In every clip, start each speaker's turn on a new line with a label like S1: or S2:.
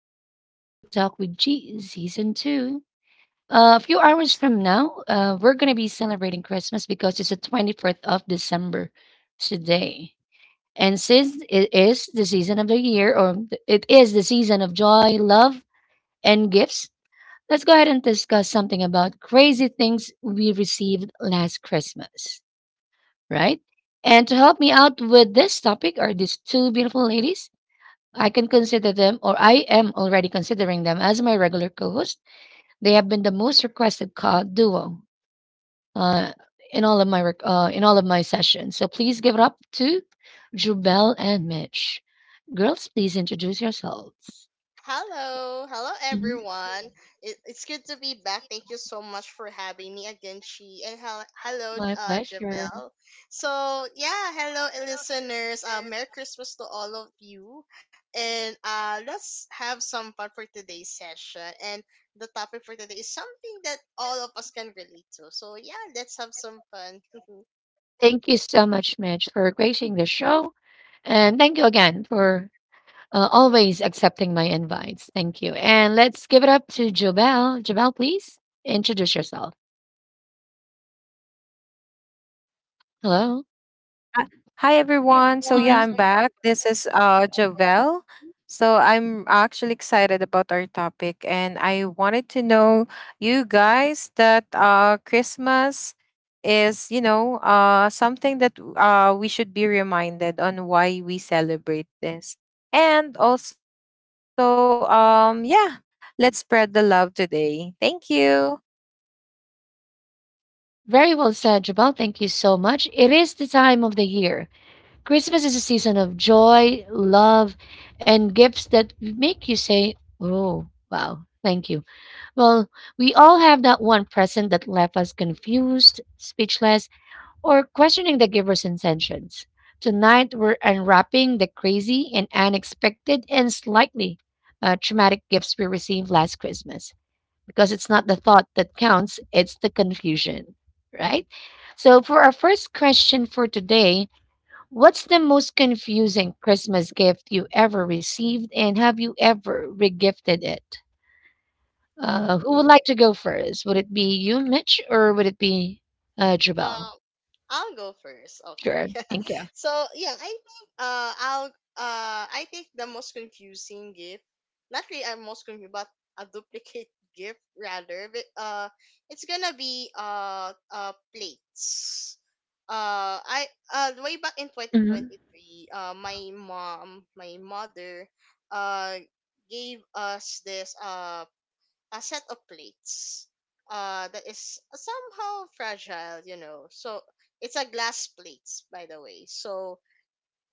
S1: Welcome to Daily Talk with G Season 2. A few hours from now, we're going to be celebrating Christmas because it's the 24th of December today. And since it is the season of the year, or it is the season of joy, love, and gifts, let's go ahead and discuss something about crazy things we received last Christmas, right? And to help me out with this topic are these two beautiful ladies. I can consider them, or I am already considering them as my regular co-host. They have been the most requested duo uh, in all of my in all of my sessions. So please give it up to Jubel and Mitch. Girls, please introduce yourselves.
S2: Hello, hello
S1: Mhm.
S2: everyone. It's good to be back. Thank you so much for having me again, Chi. And hello,
S1: My pleasure.
S2: Javelle. So, yeah, hello listeners. Merry Christmas to all of you. And let's have some fun for today's session. And the topic for today is something that all of us can relate to. So, yeah, let's have some fun.
S1: Thank you so much, Mitch, for gracing the show, and thank you again for always accepting my invites. Thank you. And let's give it up to Jubel. Jubel, please introduce yourself. Hello.
S3: Hi everyone. So yeah, I'm
S1: Hmm.
S3: back. This is Jovel. So I'm actually excited about our topic, and I wanted to know you guys that Christmas is, you know, something that we should be reminded on why we celebrate this. And also yeah, let's spread the love today. Thank you.
S1: Very well said, Jubel. Thank you so much. It is the time of the year. Christmas is a season of joy, love, and gifts that make you say, "Oh, wow, thank you." Well, we all have that one present that left us confused, speechless, or questioning the giver's intentions. Tonight, we're unwrapping the crazy and unexpected and slightly traumatic gifts we received last Christmas because it's not the thought that counts, it's the confusion, right? So, for our first question for today, what's the most confusing Christmas gift you ever received, and have you ever regifted it? Who
S2: Mm.
S1: would like to go first? Would it be you, Mitch, or would it be
S2: uh,
S1: Jabel?
S2: I'll go first.
S1: Sure.
S2: Okay.
S1: Thank
S2: So yeah, uh I'll I think the most confusing gift, not really a most confusing, but a duplicate gift rather. But It's gonna be plates. I Way back in
S1: you.
S2: 2023, my mother uh, gave us this a set of plates. That is somehow fragile, you know. So it's a glass plates, by the way. So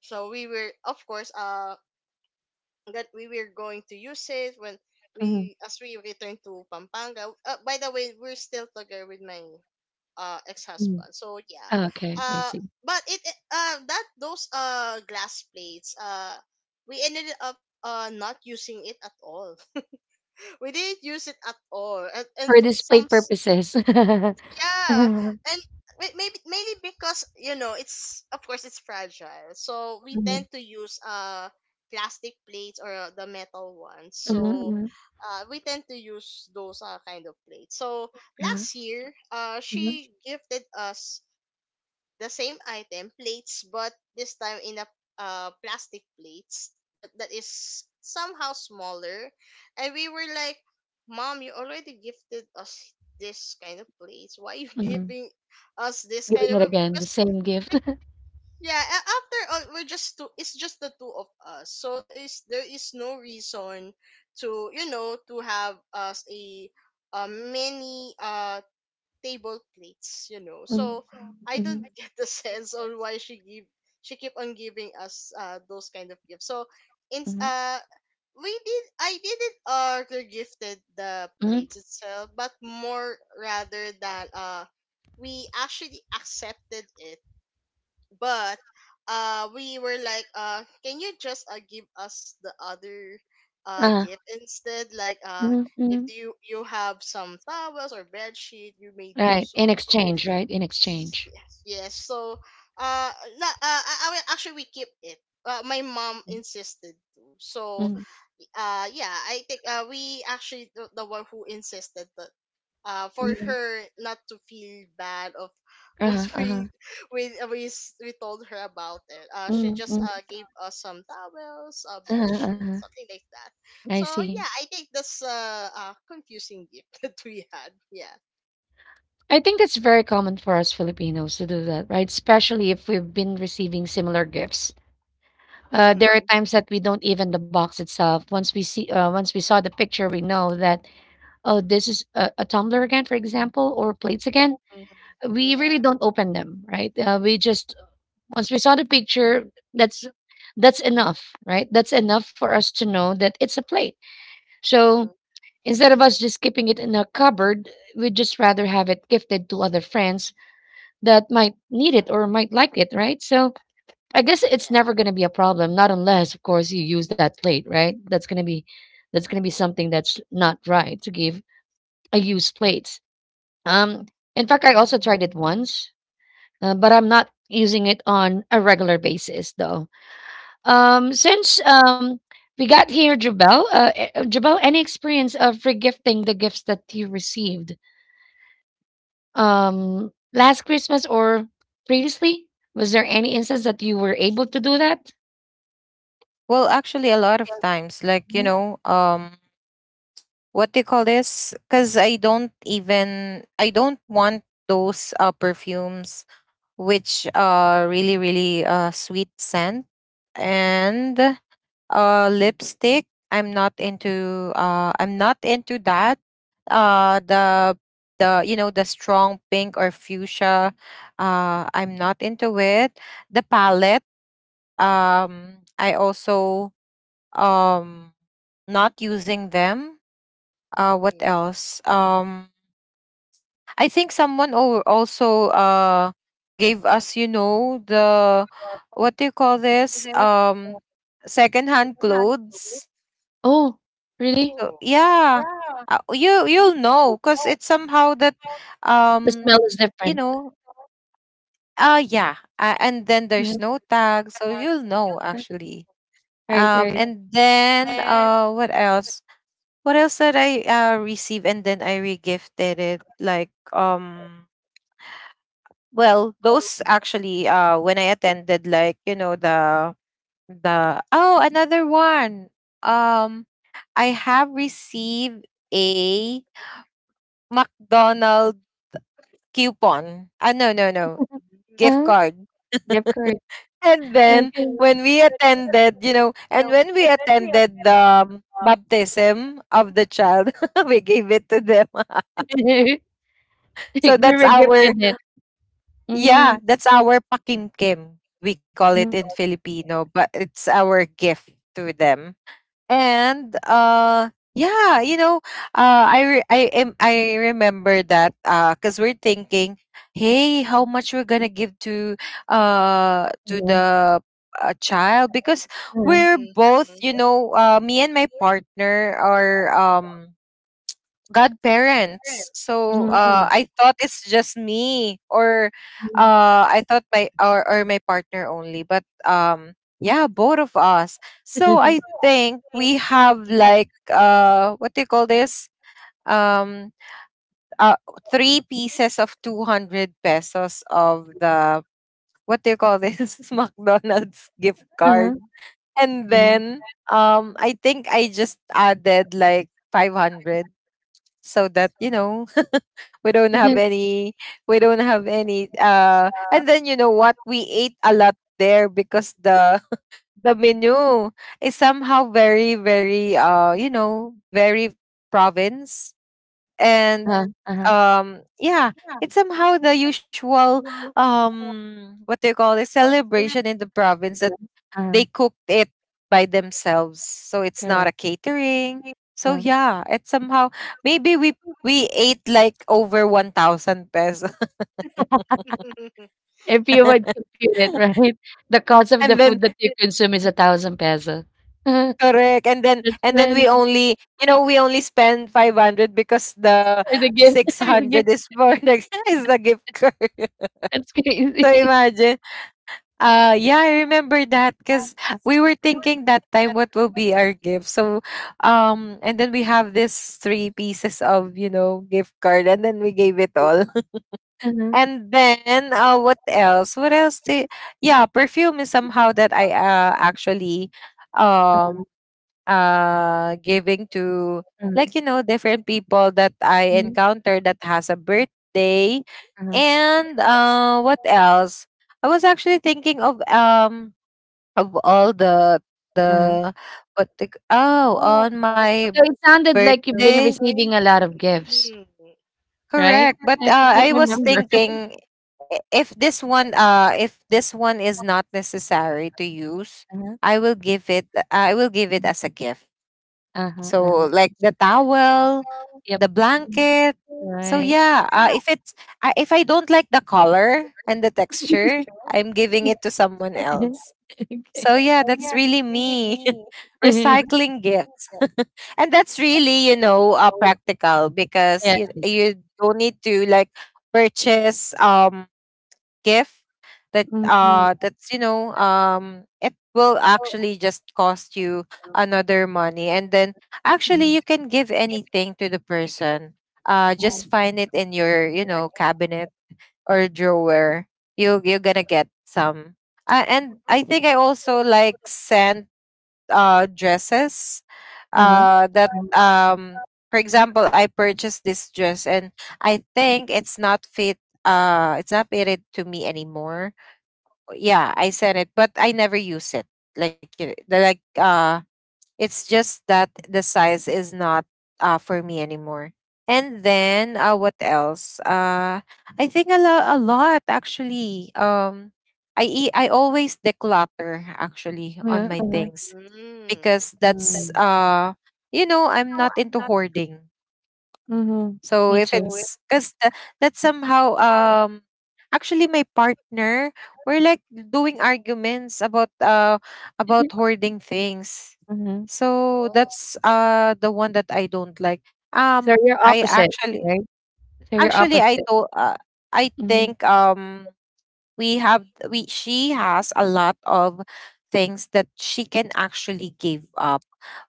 S2: we were, of course, that we were going to use it when
S1: Mhm.
S2: we as we return to Pampanga. By the way, we're still together with my
S1: Mm.
S2: ex-husband. So yeah.
S1: Ah, okay, I
S2: Uh
S1: see.
S2: but it That those glass plates, we ended up not using it at all. We didn't use it at all. And
S1: For
S2: for
S1: display
S2: some,
S1: purposes.
S2: yeah.
S1: Mhm,
S2: And maybe mainly because, you know, it's of course it's fragile, so we tend
S1: mhm,
S2: to use plastic plates or the metal ones.
S1: mhm,
S2: So
S1: mhm,
S2: we tend to use those kind of plates. So
S1: ah,
S2: last year
S1: mhm,
S2: she gifted us the same item plates, but this time in a plastic plates that is somehow smaller, and we were like, mom, you already gifted us this kind of plates, why you
S1: mhm.
S2: giving us this kind
S1: Giving
S2: of?
S1: it again, the
S2: Because,
S1: same gift.
S2: like, yeah, after all, we're just two, it's just the two of us, so there is no reason to, you know, to have us a many table plates, you know.
S1: Mhm,
S2: So I
S1: mhm,
S2: don't get the sense on why she keep on giving us those kind of gifts. So in
S1: mhm,
S2: we did, I didn't order gifted the
S1: mhm,
S2: plates itself, but more rather that we actually accepted it, but we were like, can you just give us the other
S1: ah,
S2: gift instead, like,
S1: mhm,
S2: if
S1: mhm.
S2: you have some towels or bed sheet, you may do
S1: Right, in
S2: so.
S1: exchange, right? In
S2: So
S1: exchange.
S2: yes, so uh no actually, we keep it. My mom insisted to. So
S1: Mm,
S2: yeah, I think we actually, the one who insisted, for
S1: mhm.
S2: her not to feel bad of what.
S1: Uh-huh, uh-huh.
S2: We we told her about it. She
S1: Mm,
S2: just
S1: mm.
S2: gave us some towels, bed
S1: Uh-huh, uh-huh.
S2: sheets, something like that.
S1: I
S2: So
S1: see.
S2: yeah, I think that's a confusing gift that we had. Yeah.
S1: I think that's very common for us Filipinos to do that, right? Especially if we've been receiving similar gifts. There are
S2: Mhm.
S1: times that we don't even the box itself. Once we saw the picture, we know that, oh, this is a tumbler again, for example, or plates again.
S2: Mhm.
S1: We really
S2: Yeah.
S1: don't open them, right? We just Once we saw the picture, that's that's enough, right? That's enough for us to know that it's a plate. So
S2: Mhm.
S1: instead of us just keeping it in a cupboard, we'd just rather have it gifted to other friends that might need it or might like it, right? So I guess it's
S2: Yeah.
S1: never going to be a problem, not unless, of course, you use that plate, right? That's going to be something that's not right to give a used plate. Um, in fact, I also tried it once, but I'm not using it on a regular basis though. Since we got here, Jubel, Jabel, any experience of regifting the gifts that you received last Christmas or previously? Was there any instance that you were able to do that?
S3: Well, actually a lot of times, like, you
S1: Mhm.
S3: know, what do you call this? Because I don't want those perfumes which are really really sweet scent and lipstick. I'm not into that. The you know the strong pink or fuchsia. I'm not into it. The palette. I also um not using them, what
S2: Mhm.
S3: else? I think someone also gave us, you know, the, what do you call this? Secondhand clothes.
S1: Oh, really?
S3: So
S2: Oh.
S3: yeah. You'll know because it's somehow that,
S1: The smell
S3: um
S1: is
S3: you
S1: different.
S3: know, yeah, and then there's
S1: Mhm.
S3: no tag so you'll know actually.
S1: Right,
S3: um
S1: right.
S3: and then uh what else? What else did I receive and then I regifted it? Like, well, those actually when I attended, like, you know, the oh, another one. Um I have received a McDonald coupon. Ah, no, no, no. Gift
S1: Uh-huh.
S2: Mhm.
S3: card.
S1: Yeah, of course.
S3: And then
S1: Okay.
S3: when we attended, you know, and when we attended the baptism of the child, we gave it to them.
S1: You
S3: So that's
S1: were gifted
S3: our—
S1: it.
S3: yeah,
S1: Mm.
S3: that's our pakimkim. We call it
S1: Hmm.
S3: in Filipino, but it's our gift to them. And yeah, you know, I re- I am I remember that, cuz we're thinking, "Hey, how much we're going to give to
S1: Mhm.
S3: the child, because
S1: Uh-huh, uh-huh,
S3: we're both,
S2: Mhm.
S3: you know, me and my partner are godparents." So
S1: mhm,
S3: I thought it's just me, or I thought my, or my partner only. But yeah, both of us. So
S1: mhm.
S3: I think we have like, what do you call this? Um, uh, three pieces of 200 pesos of the, what do you call this? McDonald's gift
S1: Uh-huh,
S3: card, and
S1: uh-huh.
S3: then I think I just added like 500 so that, you know, we don't have any we don't have any, and then you know what, we ate a lot there because the the menu is somehow very you know, very province. And
S1: Uh-huh, uh-huh,
S3: yeah, it's somehow the usual, what do you call it, celebration in the province.
S1: uh-huh.
S3: They cooked it by themselves, so it's not
S1: Correct.
S3: a catering. So yeah, it's somehow— maybe we— we ate like over 1000 pesos.
S1: If you would compute it, right? The cost of the
S3: And
S1: food
S3: then—
S1: that you consume is 1,000 peso. Uh-huh.
S3: correct, and then, and then
S1: Money
S3: we only, you know, we only spend 500 because the
S1: for the gift, for the
S3: 600
S1: gift.
S3: is for the is the gift card.
S1: That's
S3: So
S1: crazy.
S3: imagine. Yeah, I remember that because we were thinking that time what will be our gift. So and then we have this three pieces of, you know, gift card, and then we gave it all. And then what else? What else did— yeah, perfume is somehow that I actually um giving to, like, you know, different people that I encounter that has a birthday. And what else? I was actually thinking of, of all the what the— oh, on my
S1: So it sounded like you've been
S3: birthday.
S1: receiving a lot of gifts,
S2: Mm.
S1: right?
S3: Correct. But
S1: That you can't
S3: I was
S2: Mm.
S1: remember.
S3: thinking, if this one is not necessary to use, I will give it, I will give it as a gift. So like the towel,
S1: Yep.
S3: the blanket. So
S1: Right.
S3: yeah, if it's— I, if I don't like the color and the texture, I'm giving it to someone else.
S1: Okay,
S3: So
S1: I
S3: yeah, that's really me. Recycling gifts. And that's really, you know, practical,
S1: yeah,
S3: because you don't need to, like, purchase gift that that's you know, it will actually just cost you another money. And then actually you can give anything to the person. Just find it in your, you know, cabinet or drawer, you're gonna get some. And I think I also like scent, dresses.
S1: uh-huh,
S3: That for example, I purchased this dress, and I think it's not fit, it's not fitted to me anymore. Yeah, I sent it, but I never use it. Like, it's just that the size is not for me anymore. And then what else? I think a lot, actually. I always declutter actually on
S1: yeah.
S3: my
S1: Uh-huh, like
S3: things, because
S1: that,
S3: that's
S1: mm,
S3: you know, I'm not into hoarding.
S1: mhm, me
S3: So if
S1: So too.
S3: it's because that's somehow actually my partner, we're like doing arguments about
S1: It,
S3: hoarding things.
S1: mhm,
S3: So
S2: Oh.
S3: that's the one that I don't like.
S1: so
S3: Um
S1: you're
S3: I
S1: opposite,
S3: actually
S1: so you're
S3: Actually, I
S1: opposite,
S3: told I
S1: mhm,
S3: think we have— we— she has a lot of things that she can actually give up,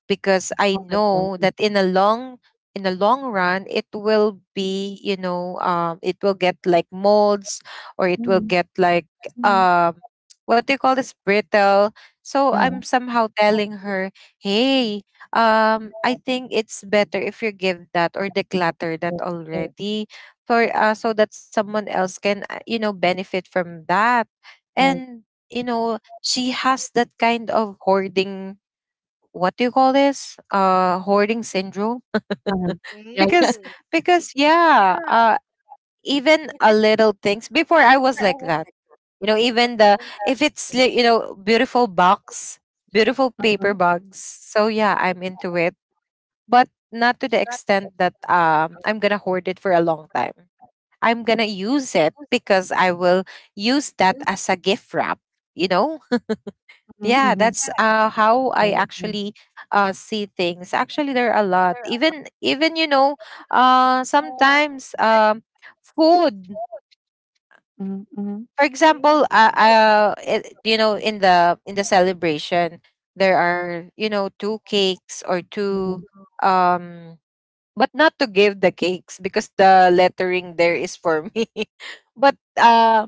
S3: because I know that in a long— in the long run, it will be, you know, it will get like molds, or it will
S1: mhm,
S3: get like
S1: mhm,
S3: um what do you call this, brittle. So I'm
S1: uh-huh,
S3: somehow telling her, "Hey, I think it's better if you give that or declutter that
S1: yeah,
S3: already, for so that someone else can you know, benefit from that." And you know, she has that kind of hoarding, what do you call this, hoarding syndrome.
S1: yeah,
S3: Because—
S1: yeah,
S2: Mm.
S3: because yeah, even a little things before I was like that. You know, even the— if it's you know, beautiful box, beautiful paper bags, so yeah, I'm into it. But not to the extent that I'm gonna hoard it for a long time. I'm gonna use it, because I will use that as a gift wrap. You know.
S1: mhm,
S3: Yeah,
S1: mhm,
S3: that's how I
S1: right, right,
S3: actually see things. Actually, there are a lot. Even you know, sometimes, food. For example,
S2: Mm.
S3: it, you know, in the celebration, there are, you know, two cakes or two, um but not to give the cakes because the lettering there is for me. But uh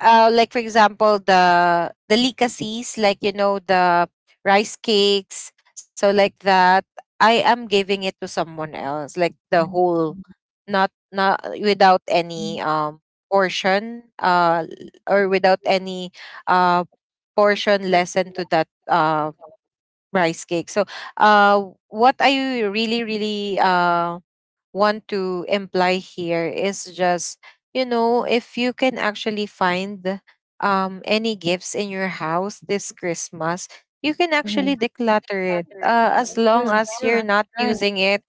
S3: uh, like, for example, the delicacies, like, you know, the rice cakes. So like that, I am giving it to someone else, like the whole, not— not without any portion, or without any uh portion lesson to that rice cake. So uh what I really really want to imply here is just, you know, if you can actually find any gifts in your house this Christmas, you can
S1: mhm.
S3: actually declutter it,
S1: Decluttering, yeah,
S3: as
S2: Mhm.
S3: long
S1: because they all
S3: as
S1: sure
S3: you're
S1: ask,
S3: not
S1: right,
S3: using it,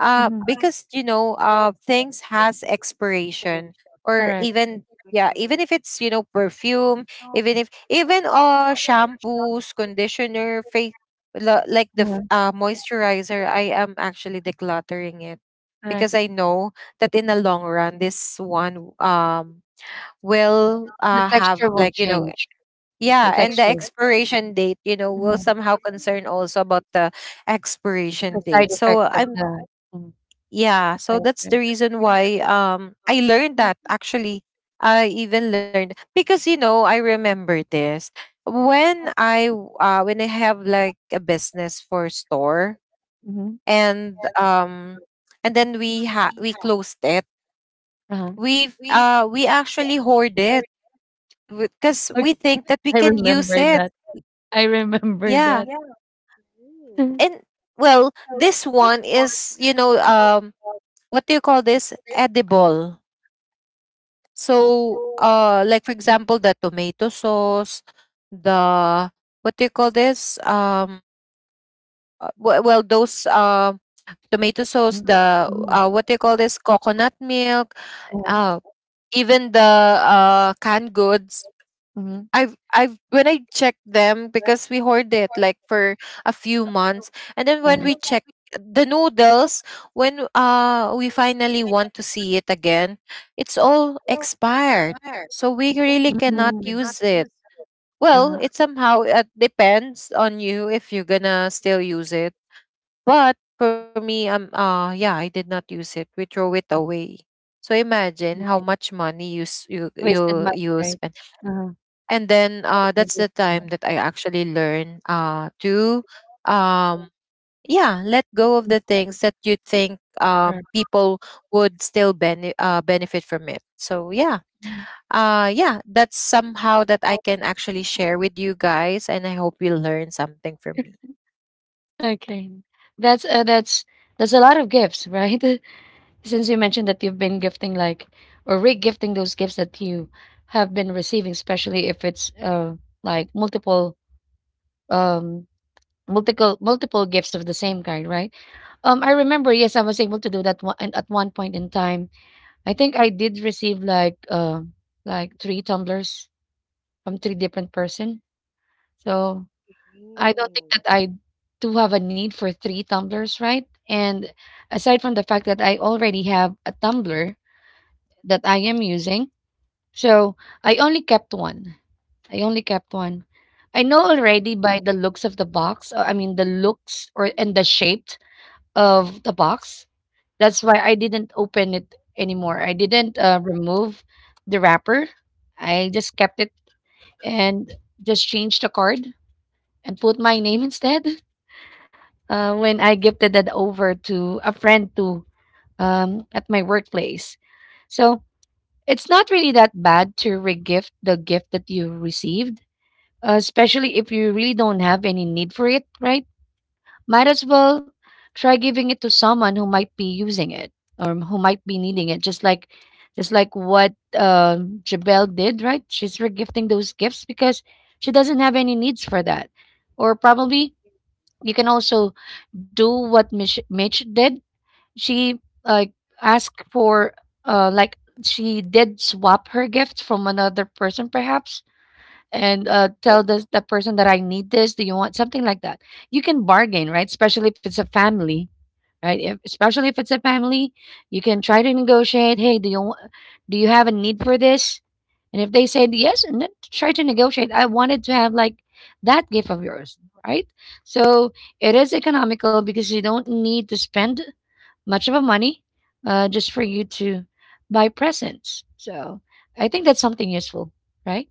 S1: mhm,
S3: because you know, things has expiration. Or
S1: correct,
S3: even— yeah, even
S2: Mhm.
S3: if it's, you know, perfume, even if— even shampoos, conditioner, face, like the
S1: uh-huh,
S3: moisturizer, I am actually decluttering it,
S1: correct,
S3: because I know that in the long run, this one will
S1: the
S3: have,
S1: texture will
S3: like, you know—
S1: change, the, yeah,
S3: yeah, and the
S1: texture,
S3: expiration date, you know, will
S1: mhm,
S3: somehow concern also
S2: Hmm.
S3: about the expiration
S1: the side
S3: date. So
S1: effect of
S3: I'm—
S1: the, mhm,
S3: yeah, so that's
S1: right,
S3: the reason why I learned that, actually. I even learned because, you know, I remember this when when I have like a business for store,
S1: mhm,
S3: and then we ha we closed it,
S1: uh-huh.
S3: we actually hoard it because
S1: Okay.
S3: we think that we
S1: I
S3: can use
S1: remember
S3: it.
S1: that, I remember
S3: Yeah.
S1: that. Mm,
S3: And well, this one is, you know, what do you call this, edible. So like, for example, the tomato sauce, the, what do you call this, well, those tomato sauce, the,
S1: mhm,
S3: what do you call this, coconut milk,
S1: mhm,
S3: uh even the canned goods.
S1: mhm,
S3: I've— when I checked them, because we hoard it like for a few months, and then when we
S1: uh-huh.
S3: check the noodles, when we finally want to see it again, it's all expired, so we really cannot use
S1: You,
S3: it. Well,
S1: uh-huh.
S3: it somehow depends on you if you're gonna
S2: Mm.
S3: still use it. But for me, yeah, I did not use it, we throw it away. So imagine how much money you
S1: Wasted money,
S3: you
S1: right?
S3: spend.
S1: Uh-huh,
S3: And then that's the
S1: yeah,
S3: time that I actually learn to um, yeah, let go of the things that you think,
S1: correct.
S3: people would still benefit from it. So yeah,
S1: Mhm.
S3: yeah, that's somehow that I can actually share with you guys, and I hope you learn something from me.
S1: Okay. That's, uh, that's that's a lot of gifts, right? Since you mentioned that you've been gifting, like, or re-gifting those gifts that you have been receiving, especially if it's like um multiple gifts of the same kind, right? I remember, yes, I was able to do that one, at one point in time. I think I did receive like three tumblers from three different person. So I don't think
S2: Mhm.
S1: that I do have a need for three tumblers, right? And aside from the fact that I already have a tumbler that I am using, so I only kept one. I only kept one. I know
S2: Mhm.
S1: already by the looks of the box, I mean the looks or and the shape of the box. That's why I didn't open it anymore. I didn't remove the wrapper. I just kept it and just changed the card and put my name instead. When I gifted that over to a friend to at my workplace, so it's not really that bad to regift the gift that you received, especially if you really don't have any need for it, right? Might as well try giving it to someone who might be using it or who might be needing it. Just like what Jabel did, right? She's regifting those gifts because she doesn't have any needs for that. Or probably you can also do what Mitch did. She, like, asked for, uh like she did swap her gift from another person perhaps and tell this the person that I need this. Do you want something like that? You can bargain, right? Especially if it's a family, right? If, Especially if it's a family, you can try to negotiate. Hey, do you have a need for this? And if they said yes, and then try to negotiate. I wanted to have like that gift of yours, right? So it is economical because you don't need to spend much of a money, just for you to buy presents. So I think that's something useful, right?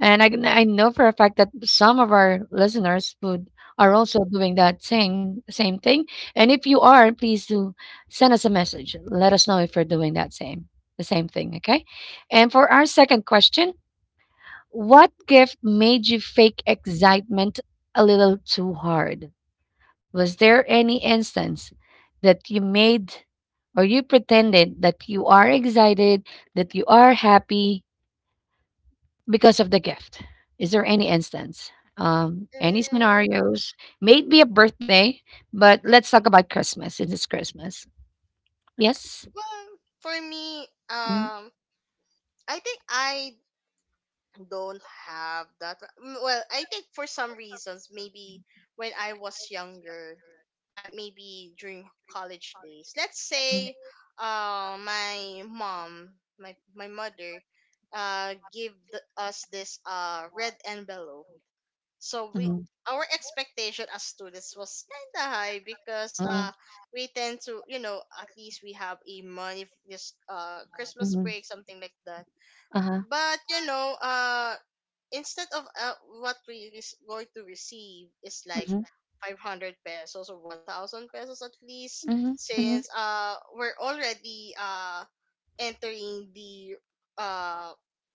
S1: And I know for a fact that some of our listeners would are also doing that same thing. And if you are, please do send us a message. Let us know if you're doing that same the same thing. Okay. And for our second question, what gift made you fake excitement a little too hard? Was there any instance that you made or you pretended that you are excited, that you are happy, because of the gift. Is there any instance? Any
S2: Uh,
S1: scenarios? Maybe a birthday, but let's talk about Christmas since it's Christmas. Yes?
S2: well, for me,
S1: Mhm.
S2: um, I think I don't have that. Mm. Well, I think for some reasons, maybe when I was younger, I maybe during college days. Let's say, my mom, my mother gave us this red envelope. So we
S1: Mm,
S2: our expectation as students was kind of high,
S1: mhm,
S2: because
S1: mhm,
S2: we tend to, you know, at least we have a money for this Christmas
S1: mhm,
S2: break, something like that.
S1: uh-huh,
S2: But, you know, instead of what we is going to receive is like
S1: mhm,
S2: 500 pesos or 1,000 pesos at least,
S1: mhm, mhm,
S2: since we're already entering uh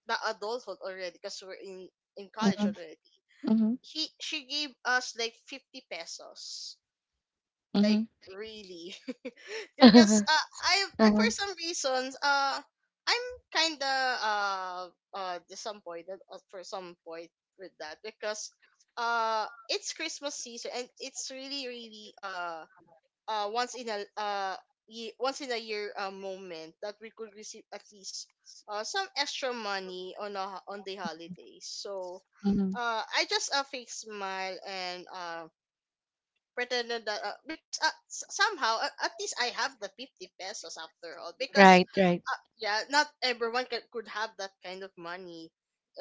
S2: the adulthood already, because we're in college already,
S1: mhm,
S2: he she gave us like 50 pesos.
S1: mhm, mhm,
S2: Like, really?
S1: uh-huh,
S2: Because I
S1: uh-huh,
S2: for some reasons I'm kind of uh disappointed for some point with that, because it's Christmas season, and it's really really once in a once in a year moment that we could receive at least some extra money on on the holidays. So
S1: mhm.
S2: I just fake smile and pretended that, because somehow, at least I have the 50 pesos after all, because,
S1: Right, right.
S2: yeah, not everyone could have that kind of money.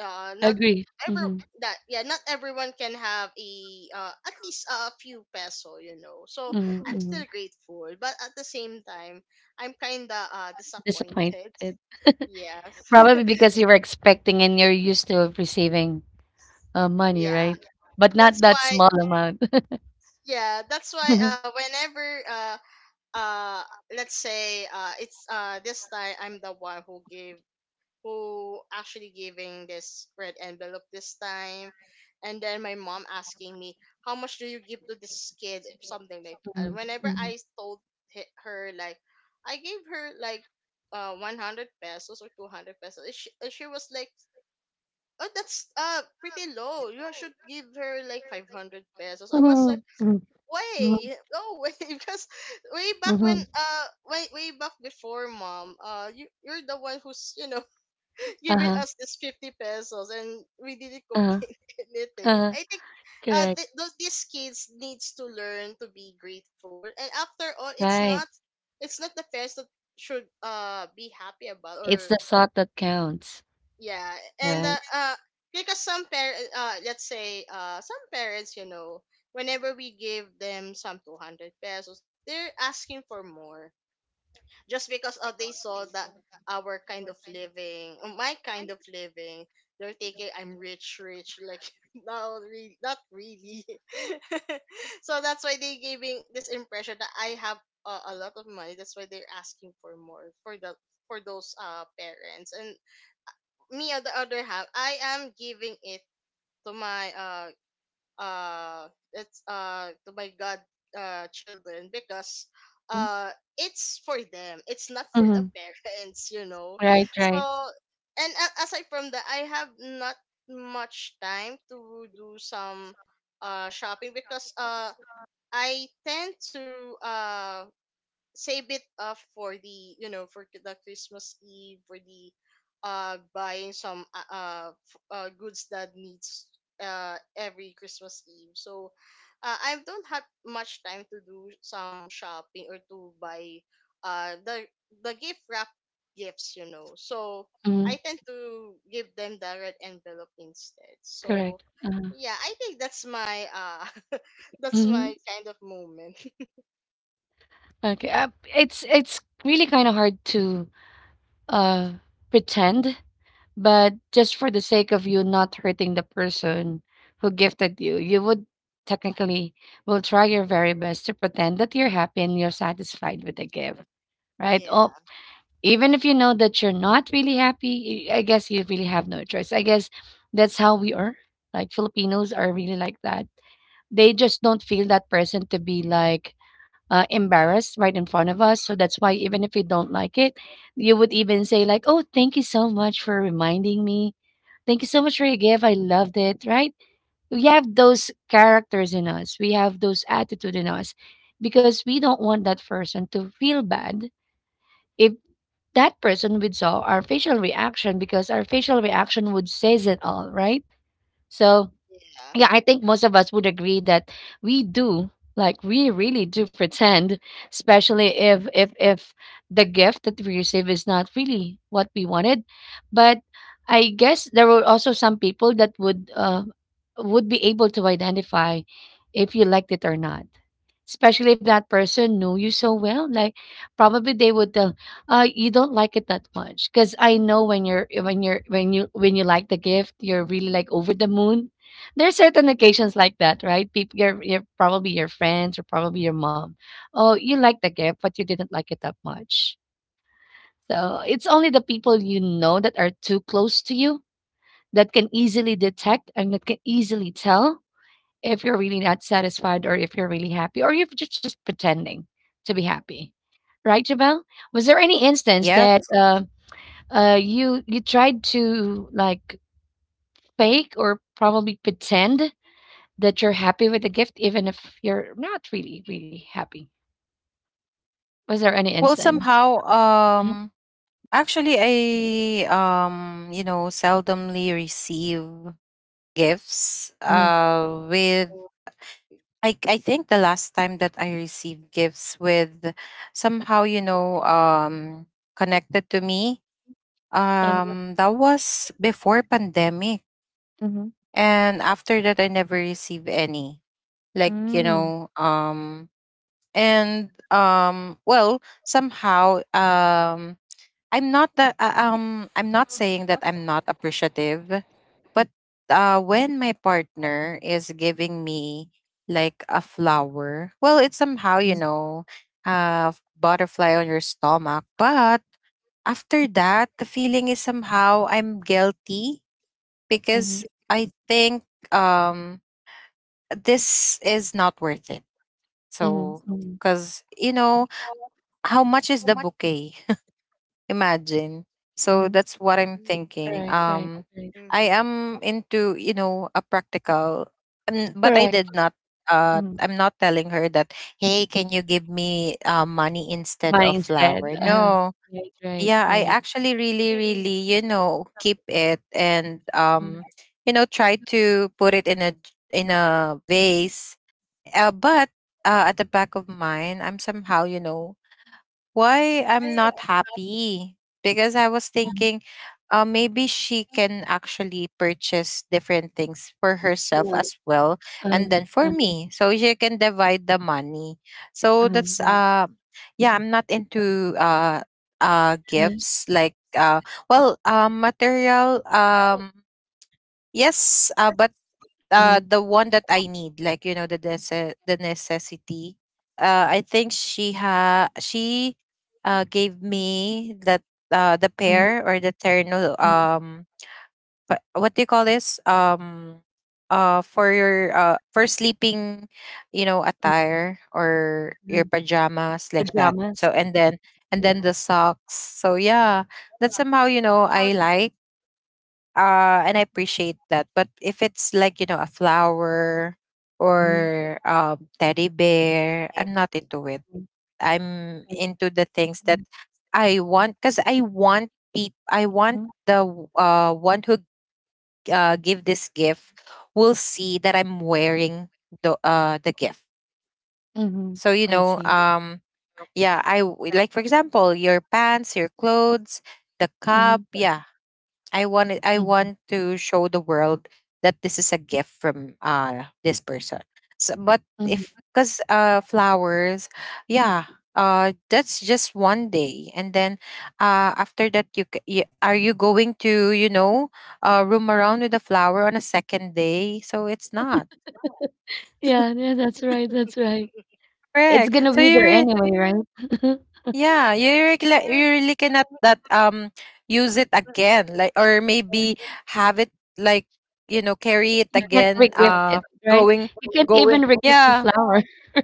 S2: Not
S1: Agree.
S2: every
S1: Mm-hmm.
S2: that Yeah, not everyone can have a, at least a few peso, you know. So
S1: Mm-hmm.
S2: I'm
S1: Mm-hmm.
S2: still grateful, but at the same time I'm kind of
S1: Disappointed.
S2: disappointed. Yes.
S1: Probably because you were expecting and you're used to receiving money,
S2: yeah
S1: right? But
S2: that's
S1: not that
S2: why
S1: small amount.
S2: yeah that's why whenever uh let's say it's this time I'm the one who gave who actually giving this red envelope this time. And then my mom asking me, how much do you give to this kid, something like
S1: Mhm,
S2: that. Whenever
S1: mhm,
S2: I told her, like, I gave her like 100 pesos or 200 pesos, she was like, oh, that's pretty low, you should give her like 500 pesos. I was
S1: mhm,
S2: like,
S1: mhm, mhm,
S2: way no way. Because way back
S1: mhm,
S2: when,
S1: mhm.
S2: way back before, mom, you're the one who's, you know, giving
S1: Uh-huh,
S2: us this 50 pesos, and we didn't
S1: uh-huh,
S2: complain anything.
S1: uh-huh.
S2: I think
S1: Correct.
S2: those, these kids needs to learn to be grateful, and after all, it's
S1: Right.
S2: not the parents that should be happy about.
S1: It's
S2: Or
S1: the thought that counts,
S2: yeah. And
S1: right?
S2: because some parents, let's say, some parents, you know, whenever we give them some 200 pesos, they're asking for more, just because, they saw that our kind of living, my kind of living, they're thinking I'm rich rich, like, no, really, not really. So that's why they giving this impression that I have a lot of money, that's why they're asking for more for the for those parents. And me, on the other half, I am giving it to my it's to my god children, because
S1: Mm-hmm.
S2: uh it's for them. It's not for the
S1: Mm-hmm.
S2: parents, you know.
S1: Right, right.
S2: So, and aside from that, I have not much time to do some shopping, because I tend to save it up for the, you know, for the Christmas Eve, for the buying some goods that needs every Christmas Eve. So I don't have much time to do some shopping or to buy uh the the gift wrap gifts, you know. So
S1: Mm-hmm.
S2: I tend to give them the red envelope instead. So
S1: Correct. Uh-huh.
S2: yeah, I think that's my that's
S1: Mm-hmm.
S2: my kind of moment.
S1: Okay. It's really kind of hard to uh pretend. But just for the sake of you not hurting the person who gifted you, you would technically will try your very best to pretend that you're happy and you're satisfied with the gift, right?
S2: Yeah.
S1: Oh, even if you know that you're not really happy, I guess you really have no choice. I guess that's how we are. Like, Filipinos are really like that. They just don't feel that person to be like, embarrassed right in front of us. So that's why even if you don't like it, you would even say like, "Oh, thank you so much for reminding me. Thank you so much for your gift. I loved it," right? We have those characters in us. We have those attitude in us because we don't want that person to feel bad if that person would saw our facial reaction, because our facial reaction would says it all, right? So
S2: Yeah.
S1: yeah, I think most of us would agree that we do, like we really do pretend, especially if the gift that we receive is not really what we wanted. But I guess there were also some people that would be able to identify if you liked it or not, especially if that person knew you so well. Like probably they would tell, you don't like it that much because I know when you like the gift, you're really like over the moon. There's certain occasions like that, right? People you're probably your friends or probably your mom. Oh, you like the gift, but you didn't like it that much. So it's only the people you know that are too close to you that can easily detect and that can easily tell if you're really not satisfied or if you're really happy or if you're just pretending to be happy. Right, Jabel? Was there any instance that
S3: Yes.
S1: you tried to like fake or probably pretend that you're happy with the gift even if you're not really really happy? Was there any
S3: Well,
S1: instance?
S3: somehow,
S1: Mhm,
S3: um, actually, I seldomly receive gifts,
S1: mhm,
S3: with I think the last time that I received gifts with somehow connected to me,
S1: mhm,
S3: that was before pandemic.
S1: mhm,
S3: And after that I never received any, like you
S1: mhm,
S3: know um And well somehow I'm not that I'm not saying that I'm not appreciative, but when my partner is giving me like a flower, well it's somehow, you know, uh butterfly on your stomach. But after that the feeling is somehow I'm guilty because I think, um this is not worth it.
S1: mhm,
S3: So,
S1: mhm,
S3: cuz you know, how much is the bouquet? Imagine. So
S1: mhm.
S3: that's what I'm
S2: Mm-hmm.
S3: thinking.
S1: Right, right, right.
S3: I
S2: Mm-hmm.
S3: am into, you know, a practical, but I
S1: Correct.
S3: did not.
S1: Mhm.
S3: I'm not telling her that, hey, can you give me money instead
S1: Mine
S3: of
S1: instead,
S3: flour? No.
S1: right, right,
S3: Yeah, I
S1: right.
S3: actually really, really, you know, keep it and,
S1: Mhm.
S3: you know, try to put it in a vase. But at the back of mine, I'm somehow, you know, why I'm not happy, because I was thinking, maybe she can actually purchase different things for herself as well,
S1: Uh,
S3: and then for
S1: uh,
S3: me, so she can divide the money. So
S1: uh-huh,
S3: that's
S1: right.
S3: uh, yeah, I'm not into
S1: Uh-huh,
S3: gifts like material, um, yes, but
S1: uh-huh,
S3: the one that I need, like you know, the the necessity. I think she gave me that, the
S1: mhm,
S3: pair or the terno,
S1: mhm,
S3: um, what do you call this, um, for your for sleeping, you know, attire or your
S1: mhm.
S3: pajamas like that.
S1: Pajamas.
S3: So, and then,
S1: Mhm,
S3: and then the socks, so yeah, that's somehow, you know, I like, and I appreciate that. But if it's like, you know, a flower or,
S1: mhm,
S3: teddy bear, I'm not into it. I'm into the things that I want, because I want people. I
S1: mhm,
S3: want the one who give this gift will see that I'm wearing the gift.
S1: mhm.
S3: So you
S1: I
S3: know,
S1: see.
S3: yeah, like for example, your pants, your clothes, the
S1: Mhm,
S3: cup. Yeah, I want it, I
S1: mhm,
S3: want to show the world that this is a gift from this person. So, but
S1: mhm.
S3: if because flowers, yeah, that's just one day, and then after that you, are you going to, you know, room around with a flower on a second day? So it's not
S1: Yeah, yeah, that's right, that's right. It's
S3: correct.
S1: gonna be
S3: So
S1: there
S3: you're
S1: anyway, right?
S2: Yeah.
S3: Yeah, you really cannot that use it again, like, or maybe have it, like, you know, carry it
S1: You can't
S3: again.
S1: regift it, right?
S3: Going,
S1: You can't
S3: going.
S1: even regift the
S3: Yeah,
S1: flower.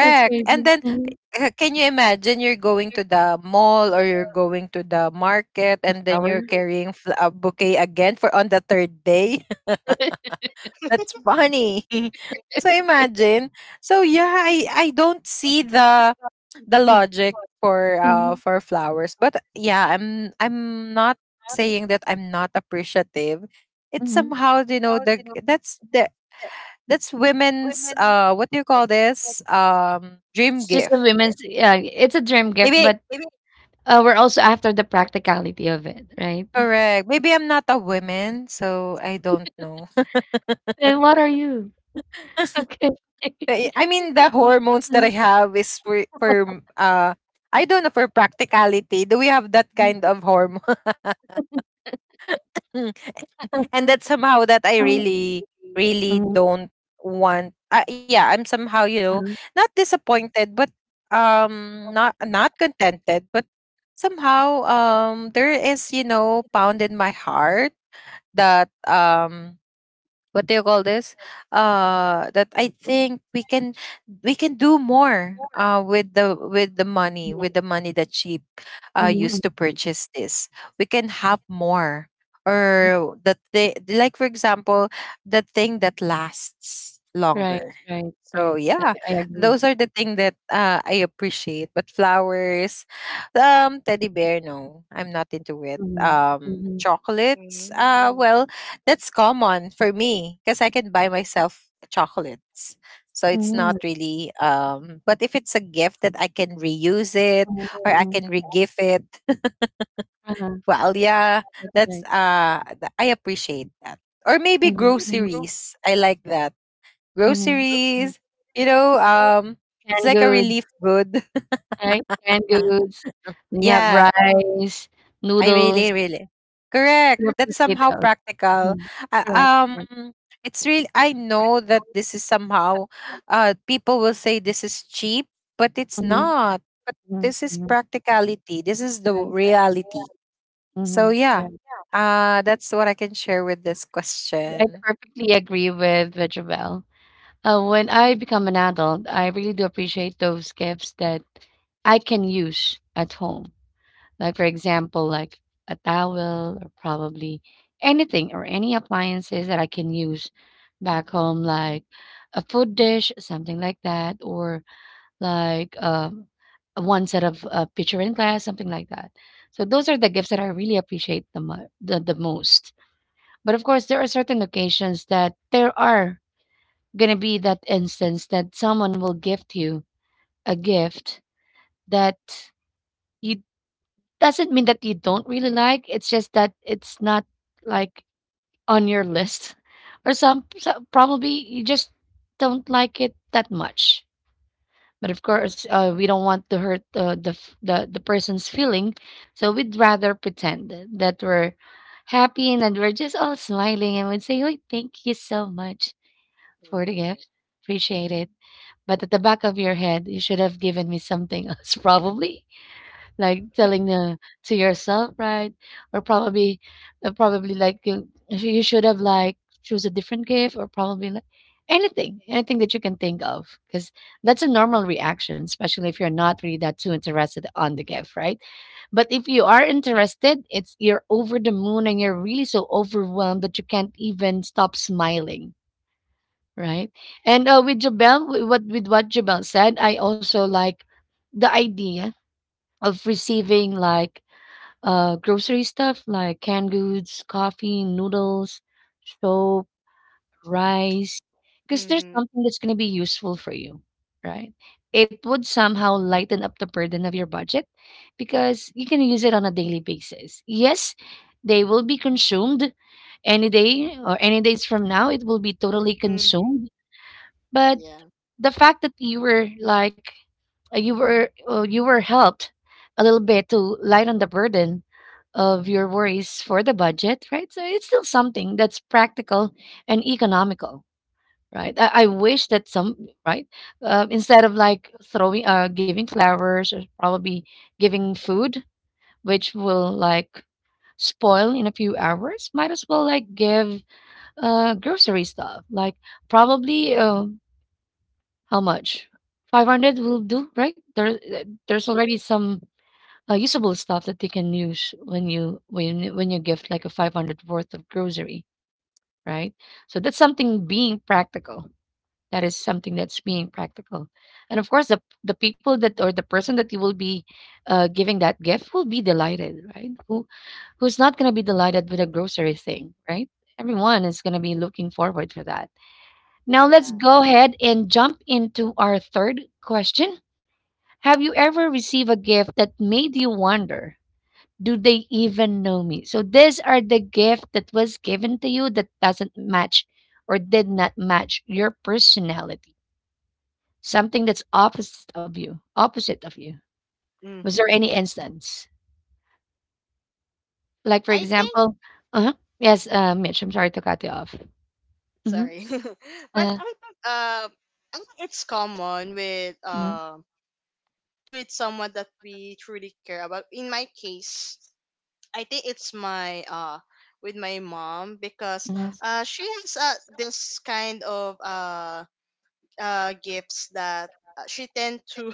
S1: That's
S3: And
S1: crazy.
S3: then,
S1: Mhm.
S3: can you imagine you're going to the mall or you're going to the market
S1: The
S3: and then you're
S1: flower.
S3: carrying a bouquet again for on the third day? That's funny. So imagine. So yeah, I don't see the logic
S1: Mhm,
S3: for flowers. But yeah, I'm not saying that I'm not appreciative. It's
S1: mhm.
S3: somehow, you know, the that's women's what do you call this? Um, dream
S1: It's just a
S3: gift.
S1: women's, yeah, it's a dream gift,
S3: Maybe
S1: but we're also after the practicality of it, right?
S3: correct. Maybe I'm not a woman, so I don't know.
S1: And what are you? Okay.
S3: I mean, the hormones that I
S1: Mhm.
S3: have is for I don't know, for practicality. Do we have that kind of hormone? Mm. And that's somehow that I
S1: Mm,
S3: really, really don't want. Yeah, I'm somehow, you know, not disappointed, but, not not contented, but somehow, there is, you know, pound in my heart that, what do you call this, that I think we can do more with the money, with
S1: mm,
S3: the money that she
S1: mm,
S3: used to purchase this. We can have more,
S1: mm.
S3: or that they like, for example, the thing that lasts
S1: Right,
S3: longer.
S1: right,
S3: So
S1: right. I
S3: yeah,
S1: I agree.
S3: those are the thing that, I appreciate. But flowers, um, teddy bear, no, I'm not into it.
S1: Mhm.
S3: Um,
S1: Mhm.
S3: chocolates, uh,
S2: Mm-hmm.
S3: well, that's common for me because I can buy myself chocolates. So it's
S1: Mhm.
S3: not really um, but if it's a gift that I can reuse it
S1: Mhm.
S3: or I can
S1: Mhm.
S3: regift it,
S1: Uh-huh,
S3: well yeah, that's
S1: right.
S3: I appreciate that. Or maybe
S1: Mhm. Mhm.
S3: groceries. I like that.
S1: Mhm.
S3: Groceries, you know, um, it's
S1: Canned
S3: like a
S1: goods,
S3: relief good.
S1: right? Canned
S3: Uh,
S1: goods. Then you have
S3: yeah.
S1: rice,
S3: I
S1: noodles.
S3: really, really correct.
S1: You
S3: That's
S1: appreciate
S3: somehow
S1: those.
S3: practical.
S1: Mhm.
S3: Uh,
S1: Correct.
S3: um, it's real. I know that this is somehow. People will say this is cheap, but it's
S1: Mhm.
S3: not. But
S1: Mhm.
S3: this is
S1: Mhm.
S3: practicality. This is the
S1: Right, right.
S3: reality. So
S1: Mhm.
S3: yeah,
S1: Right.
S3: that's what I can share with this
S1: I
S3: question.
S1: perfectly agree with Jobelle. When I become an adult, I really do appreciate those gifts that I can use at home. Like, for example, like a towel or probably anything or any appliances that I can use back home, like a food dish, something like that, or like one set of pitcher and glass, something like that. So those are the gifts that I really appreciate the the most. But of course, there are certain occasions that there are gonna be that instance that someone will gift you a gift that you doesn't mean that you don't really like. It's just that it's not like on your list, or some probably you just don't like it that much. But of course, we don't want to hurt the f- the person's feeling, so we'd rather pretend that we're happy and that we're just all smiling and would say, "Oh, thank you so much." for the gift. Appreciate it. But at the back of your head, you should have given me something else, probably. Like telling to yourself, right? Or probably, probably like you should have like choose a different gift, or probably like anything, anything that you can think of, because that's a normal reaction, especially if you're not really that too interested on the gift, right? But if you are interested, it's you're over the moon and you're really so overwhelmed that you can't even stop smiling. Right. And with Jabel, with what Jabel said, I also like the idea of receiving like grocery stuff like canned goods, coffee, noodles, soap, rice, because there's
S2: Mm-hmm.
S1: something that's going to be useful for you, right? It would somehow lighten up the burden of your budget because you can use it on a daily basis. Yes, they will be consumed any day or any days from now, it will be totally
S2: Mm-hmm.
S1: consumed. But
S2: Yeah.
S1: the fact that you were like you were helped a little bit to lighten the burden of your worries for the budget, right? So it's still something that's practical and economical, right? I wish that some right instead of like throwing giving flowers or probably giving food, which will like spoil in a few hours, might as well like give grocery stuff like probably how much? 500 will do, right? There, there's already some usable stuff that you can use when you gift like a 500 worth of grocery, right? So that's something being practical. That is something that's being practical, and of course, the people that or the person that you will be giving that gift will be delighted, right? Who who's not going to be delighted with a grocery thing, right? Everyone is going to be looking forward for that. Now let's
S2: Yeah.
S1: go ahead and jump into our third question. Have you ever received a gift that made you wonder, do they even know me? So these are the gift that was given to you that doesn't match or did not match your personality. Something that's opposite of you. Opposite of you. Was there
S2: Mm-hmm.
S1: any instance? Like for
S2: I think,
S1: example, uh-huh. Yes, Mitch, I'm sorry to cut you off. Mm-hmm.
S2: sorry. But
S1: Uh,
S2: I think it's common
S1: mm-hmm.
S2: with someone that we truly care about. In my case, I think it's my with my mom, because she has this kind of gifts that uh, she tend to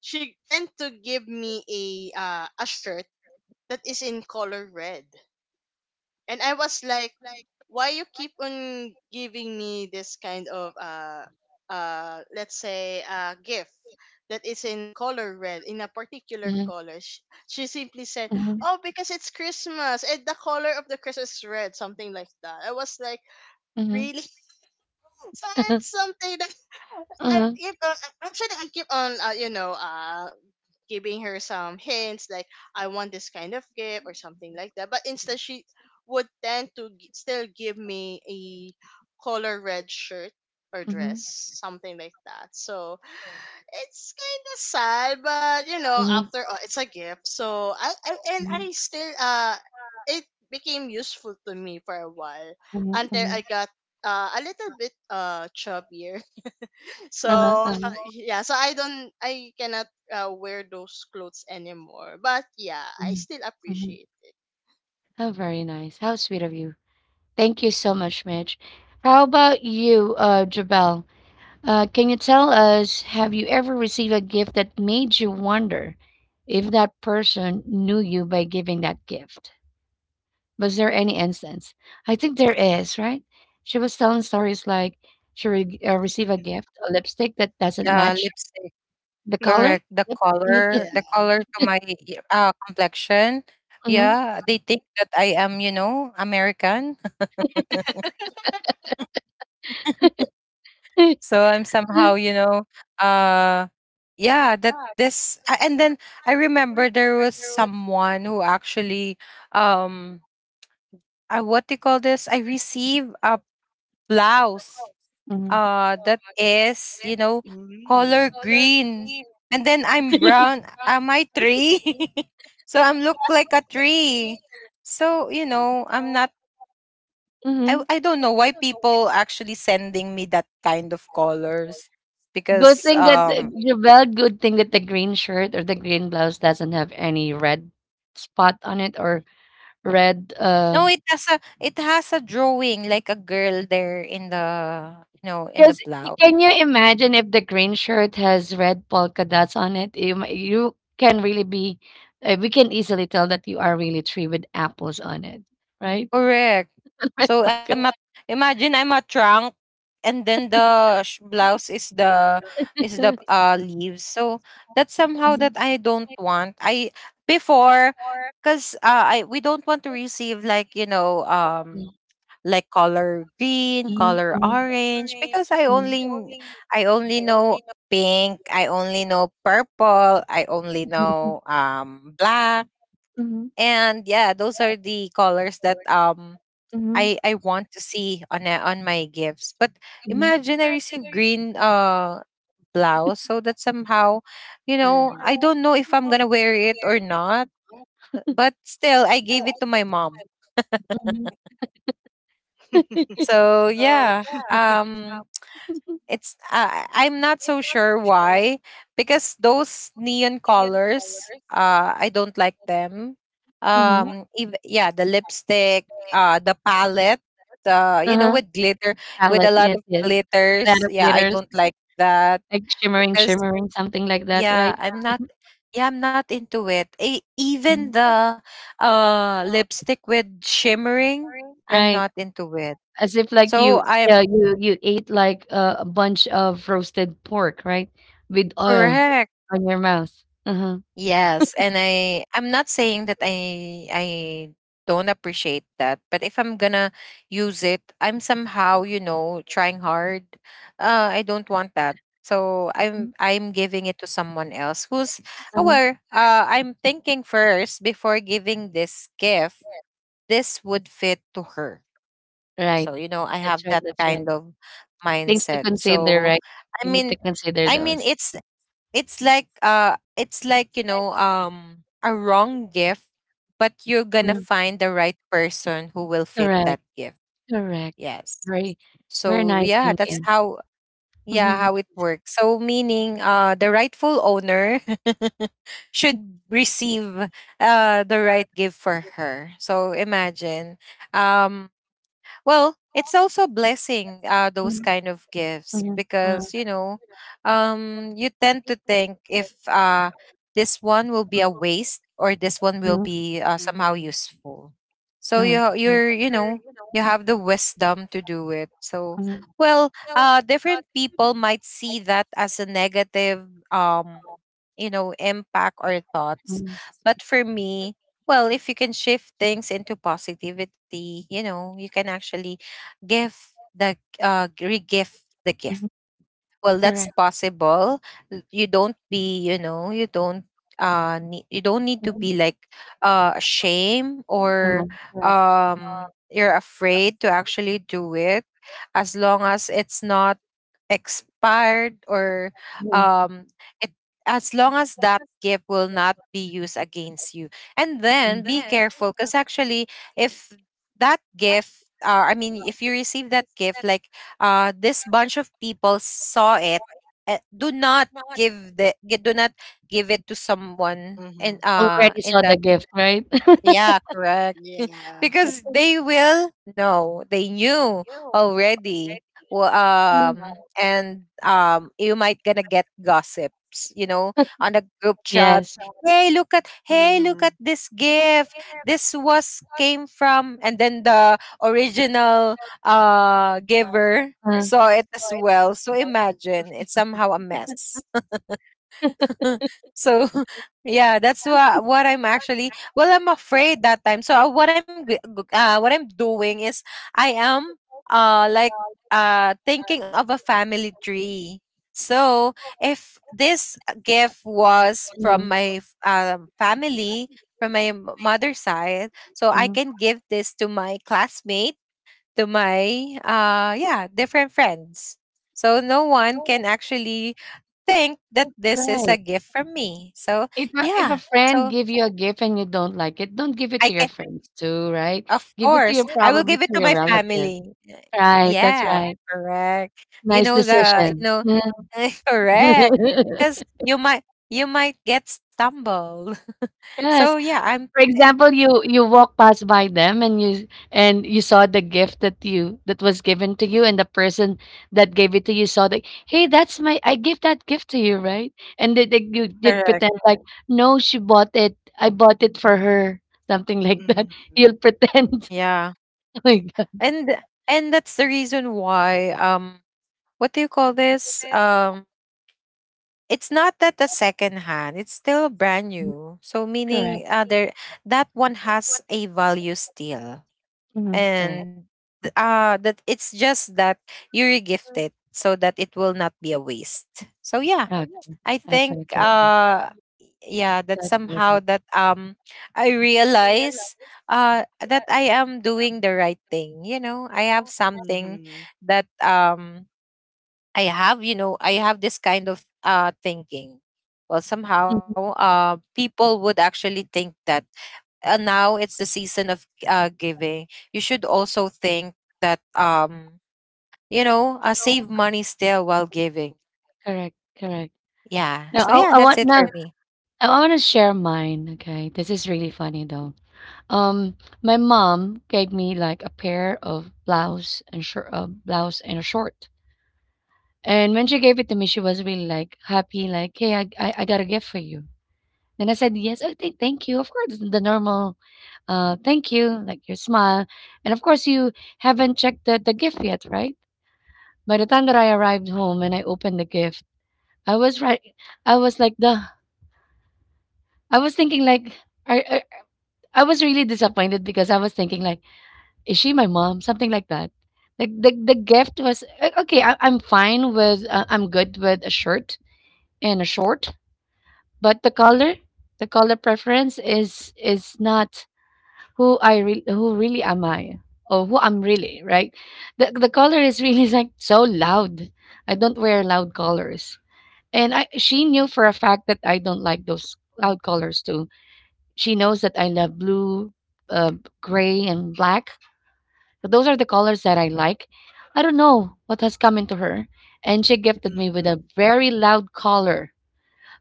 S2: she tend to give me a shirt that is in color red. And I was like, why you keep on giving me this kind of let's say gift that is in color red, in a particular
S1: Mm-hmm.
S2: color? She simply said,
S1: Mm-hmm.
S2: oh, because it's Christmas and the color of the Christmas is red, something like that. I was like, really? So it's something that I
S1: Mm-hmm.
S2: keep on actually I keep on, you know, giving her some hints like, I want this kind of gift or something like that. But instead, she would tend to still give me a color red shirt or dress, something like that. So it's kind of sad, but, you know,
S1: Mhm,
S2: after all, it's a gift. So
S1: mhm, mhm.
S2: I still, it became useful to me for a while, until I got a little bit chubbier.
S1: Uh-huh,
S2: So,
S1: uh-huh.
S2: yeah, so I don't, I cannot wear those clothes anymore, but yeah, I
S1: Mhm,
S2: still
S1: mhm.
S2: appreciate it.
S1: Oh, very nice. How sweet of you. Thank you so much, Mitch. How about you, Jabal? Can you tell us, have you ever received a gift that made you wonder if that person knew you by giving that gift? Was there any instance? I think there is, right? She was telling stories like she re received a gift, a lipstick that doesn't match
S3: Yeah, lipstick.
S1: the color.
S3: Correct.
S1: Yep. Can you tell?
S2: Yeah.
S3: The color to my complexion.
S1: Mhm.
S3: Yeah, they think that I am, you know, American. So I'm somehow, you know, uh, yeah, that and then I remember there was someone who actually, um, what do you call this, I received a blouse that is, you know,
S2: Mm-hmm.
S3: color green. And then I'm brown, am I tree? So I'm look like a tree. So you know, I'm not, I,
S1: Mhm.
S3: I don't know why people actually sending me that kind of colors
S1: Good
S3: because
S1: thing that So
S3: um.
S1: the Javelle, good thing that the green shirt or the green blouse doesn't have any red spot on it or red
S3: No, it has a drawing like a girl there in the, you know, in the
S1: because
S3: blouse.
S1: can you imagine if the green shirt has red polka dots on it? You can really be we can easily tell that you are really tree with apples on it, right?
S3: Correct.
S1: Red
S3: So
S1: polka.
S3: I'm a, imagine I'm a trunk, and then the blouse is the
S1: So
S3: leaves. So that's somehow that I don't want. I before, because I, we don't want to receive, like, you know, um, like color green,
S1: Mhm, mhm,
S3: color
S1: mhm,
S3: orange, because I
S1: mhm,
S3: only kn-, I only know pink, I only know purple, I only know, um, black. And yeah, those are the colors that, um, I want to see on a, on my gifts. But imagine I receive green blouse, so that somehow, you know,
S2: Mm-hmm.
S3: I don't know if I'm going to wear it or not, but still I gave it to my mom. So yeah, um, it's I'm not so sure why, because those neon colors, uh, I don't like them.
S1: mhm.
S3: Yeah, the lipstick, the palette, the, you know,
S1: Palette. Uh-huh.
S3: with glitter, with a
S1: Palette,
S3: lot
S1: yes,
S3: of
S1: yes.
S3: glitters,
S1: Palette
S3: yeah, I
S1: glitters,
S3: don't like that,
S1: like shimmering,
S3: because
S1: shimmering, something like that,
S3: yeah,
S1: right?
S3: I'm not, yeah, I'm not into it. Even
S1: Mhm.
S3: the lipstick with shimmering, I'm
S1: Right.
S3: not into it.
S1: As if like
S3: So
S1: you
S3: I
S1: yeah,
S3: am
S1: you ate like a bunch of roasted pork, right? With oil
S3: correct.
S1: on your mouth. Uh-huh.
S3: Yes, and I I'm not saying that I don't appreciate that, but if I'm gonna use it, I'm somehow, you know, trying hard. Uh, I don't want that. So
S1: Uh,
S3: I'm giving it to someone else who's
S1: uh-huh.
S3: aware. Uh, I'm thinking first before giving this gift, this would fit to her.
S1: Right.
S3: So, you know, I
S1: That's
S3: have
S1: right.
S3: that
S1: That's right.
S3: kind of
S1: Things to
S3: mindset.
S1: consider,
S3: So
S1: right?
S3: I
S1: We need to
S3: mean
S1: consider
S3: I mean
S1: those.
S3: it's like, uh, it's like, you know, um, a wrong gift, but you're gonna
S1: Mhm.
S3: find the right person who will fit
S1: Correct.
S3: that gift.
S1: Correct.
S3: Yes,
S1: Very very
S3: so
S1: nice
S3: yeah, that's
S1: thinking.
S3: how, yeah,
S1: Mm-hmm.
S3: how it works. So meaning, the rightful owner should receive the right gift for her, so imagine, um, well, it's also a blessing, those kind of gifts,
S1: Mm-hmm.
S3: because, you know, you tend to think if, this one will be a waste, or this one will
S1: Uh,
S3: be, somehow
S2: Mm-hmm.
S3: useful. So
S1: uh,
S3: you,
S1: right.
S3: you're, you know, you have the wisdom to do it. So,
S1: Mhm,
S3: well, different people might see that as a negative, um, you know, impact or thoughts.
S1: mhm,
S3: But for me, well, if you can shift things into positivity, you know, you can actually give the re-gift the gift.
S1: mhm.
S3: Well, that's
S1: Correct.
S3: possible. You don't be, you know, you don't need, you don't need to be
S1: Mhm.
S3: like ashamed or,
S1: Uh, correct.
S3: um, you're afraid to actually do it, as long as it's not expired, or, um, it, as long as that gift will not be used against you. And then be careful, because actually, if that gift, I mean, if you receive that gift like, this bunch of people saw it, do not give the do not give it to someone and
S2: Mm-hmm.
S1: Already
S3: in
S1: saw
S3: that,
S1: the gift, right?
S3: yeah, correct,
S2: Yeah.
S3: because they will know, they knew already. Well, um, and um, you might gonna get gossips, you know, on a group chat,
S1: Yes.
S3: hey, look at, hey, look
S2: Mm-hmm.
S3: at this gift, this was came from, and then the original giver
S1: Uh,
S3: saw it as well, so imagine, it's somehow a mess. So yeah, that's what I'm actually, well, I'm afraid that time. So what I'm doing is, I am like thinking of a family tree. So if this gift was from my family, from my mother's side, so I can give this to my classmate, to my yeah, different friends, so no one can actually think that this is a
S1: right.
S3: gift from me. So
S1: If a
S3: yeah,
S1: friend
S3: so
S1: give you a gift and you don't like it, don't give it
S3: I
S1: to your
S3: can,
S1: friends too, right?
S3: of
S1: Give it to
S3: course,
S1: your
S3: I will
S1: probably
S3: give
S1: to
S3: it to
S1: your
S3: my
S1: relative.
S3: family.
S1: Right, that's
S3: Yeah,
S1: right.
S3: correct, you
S1: Nice
S3: know, the, you
S1: decision.
S3: know, correct, because you might, you might get stumbled. So
S1: Yes,
S3: yeah,
S1: for
S3: eh,
S1: example, you walk past by them and you saw the gift that you that was given to you, and the person that gave it to you saw that, hey, that's my I gave that gift to you, right? And they you did
S3: correct.
S1: pretend like, no, she bought it. I bought it for her, something like that.
S2: Mm-hmm.
S1: You'll pretend.
S3: Yeah.
S1: Oh my God.
S3: and and that's the reason why, um, what do you call this, um, it's not that the second hand, it's still brand new, so
S1: Correct.
S3: meaning, there, that one has a value still.
S1: Correct.
S3: And that, it's just that you regift it, so that it will not be a waste. So yeah,
S1: Okay.
S3: i
S1: Okay.
S3: think
S1: Okay. Okay.
S3: uh yeah, that
S1: Got you with
S3: somehow
S1: that.
S3: that I realize that I am doing the right thing. You know, I have something
S2: Mm-hmm.
S3: that I have, I have this kind of thinking. Well, somehow,
S1: Mhm.
S3: people would actually think that now it's the season of giving. You should also think that, um, you know, save money still while giving.
S1: Correct. Correct.
S3: Yeah.
S1: Now
S3: So yeah,
S1: I, I
S3: that's
S1: want
S3: it
S1: now
S3: for me.
S1: I want to share mine. Okay, this is really funny though. Um, my mom gave me like a pair of blouse and short, blouse and a short. And when she gave it to me, she was really like happy, like, "Hey, I got a gift for you." Then I said, "Yes, oh, thank you." Of course, the normal, thank you, like your smile, and of course, you haven't checked the gift yet, right? By the time that I arrived home and I opened the gift, I was right. I was like, the I was thinking like, I, I, I was really disappointed because I was thinking like, "Is she my mom?" Something like that. Like the gift was okay. I'm good with a shirt and a short, but the color preference is not who who really am I or who I'm really right. The color is really like so loud. I don't wear loud colors, and I she knew for a fact that I don't like those loud colors too. She knows that I love blue, uh, gray, and black, so those are the colors that I like. I don't know what has come into her. And she gifted me with
S2: Mm-hmm.
S1: a very loud color.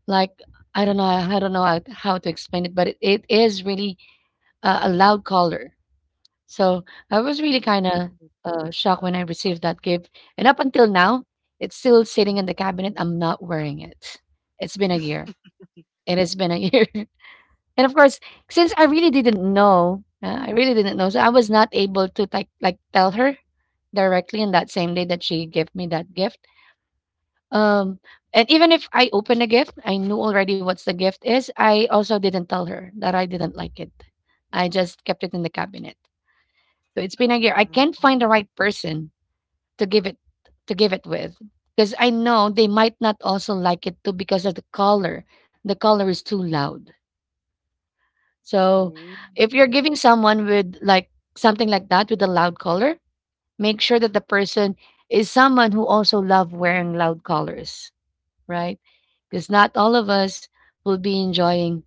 S1: Like, I don't know how to explain it, but it is really a loud color. So I was really kind of shocked when I received that gift. And up until now, it's still sitting in the cabinet. I'm not wearing it. It's been a year. It has been a year. And of course, since I really didn't know, I really didn't know, so I was not able to like tell her directly on that same day that she gave me that gift. Um, and even if I opened a gift, I knew already what's the gift is. I also didn't tell her that I didn't like it. I just kept it in the cabinet. So it's been a year. I can't find the right person to give it to give it with because I know they might not also like it too because of the color. The color is too loud. So if
S2: Mm-hmm.
S1: you're giving someone with like something like that with a loud color, make sure that the person is someone who also love wearing loud colors, right? Because not all of us will be enjoying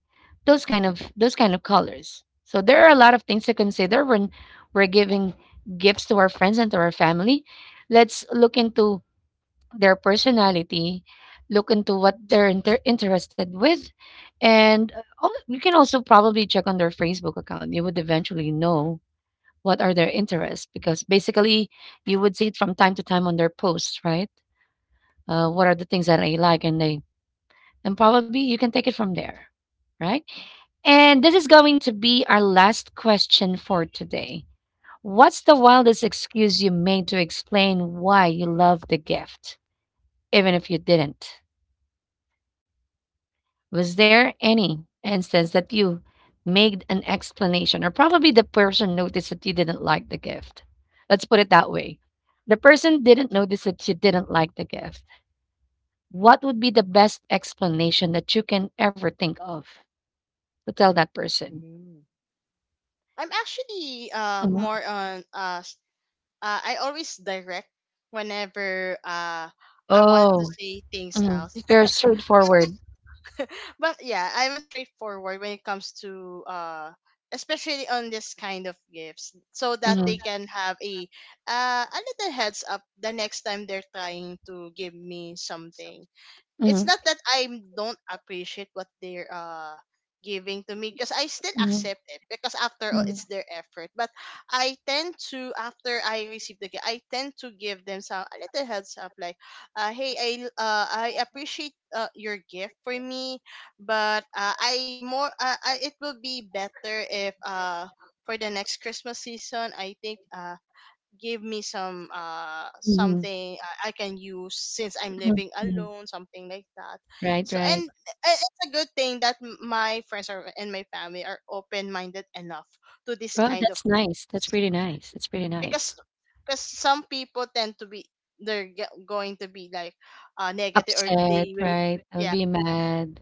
S1: those kind of colors. So there are a lot of things to consider when we're giving gifts to our friends and to our family. Let's look into their personality, look into what they're interested with, and you can also probably check on their Facebook account. You would eventually know what are their interests because basically you would see it from time to time on their posts, right? What are the things that I like, and they and probably you can take it from there, right? And this is going to be our last question for today. What's the wildest excuse you made to explain why you love the gift, even if you didn't? Was there any instance that you made an explanation, or probably the person noticed that you didn't like the gift? Let's put it that way. The person didn't notice that you didn't like the gift. What would be the best explanation that you can ever think of to tell that person?
S2: I'm actually
S1: Mhm.
S2: more on I always direct whenever I want to
S1: Oh,
S2: say things
S1: mhm,
S2: out.
S1: you're
S2: But
S1: straightforward.
S2: but yeah, I'm a straightforward when it comes to especially on this kind of gifts, so that
S1: Mhm.
S2: they can have a, a little heads up the next time they're trying to give me something. It's
S1: Mhm.
S2: not that I don't appreciate what they're giving to me, because I still
S1: Mhm.
S2: accept it, because after all,
S1: Mhm.
S2: it's their effort. But I tend to after I receive the gift, I tend to give them some a little heads up, like, hey, I appreciate your gift for me, but I, it will be better if for the next Christmas season, I think give me some
S1: Mhm.
S2: something I can use, since I'm
S1: Mhm.
S2: living
S1: Mhm.
S2: alone, something like that.
S1: Right,
S2: So,
S1: right.
S2: and it's a good thing that my friends are, and my family are open minded enough to this
S1: Oh,
S2: kind of
S1: that's nice. That's
S2: things.
S1: pretty nice. That's pretty
S2: Because
S1: nice.
S2: some people tend to be, they're going to be like negative, or
S1: Upset,
S2: they will.
S1: right? I'll
S2: Yeah.
S1: be mad.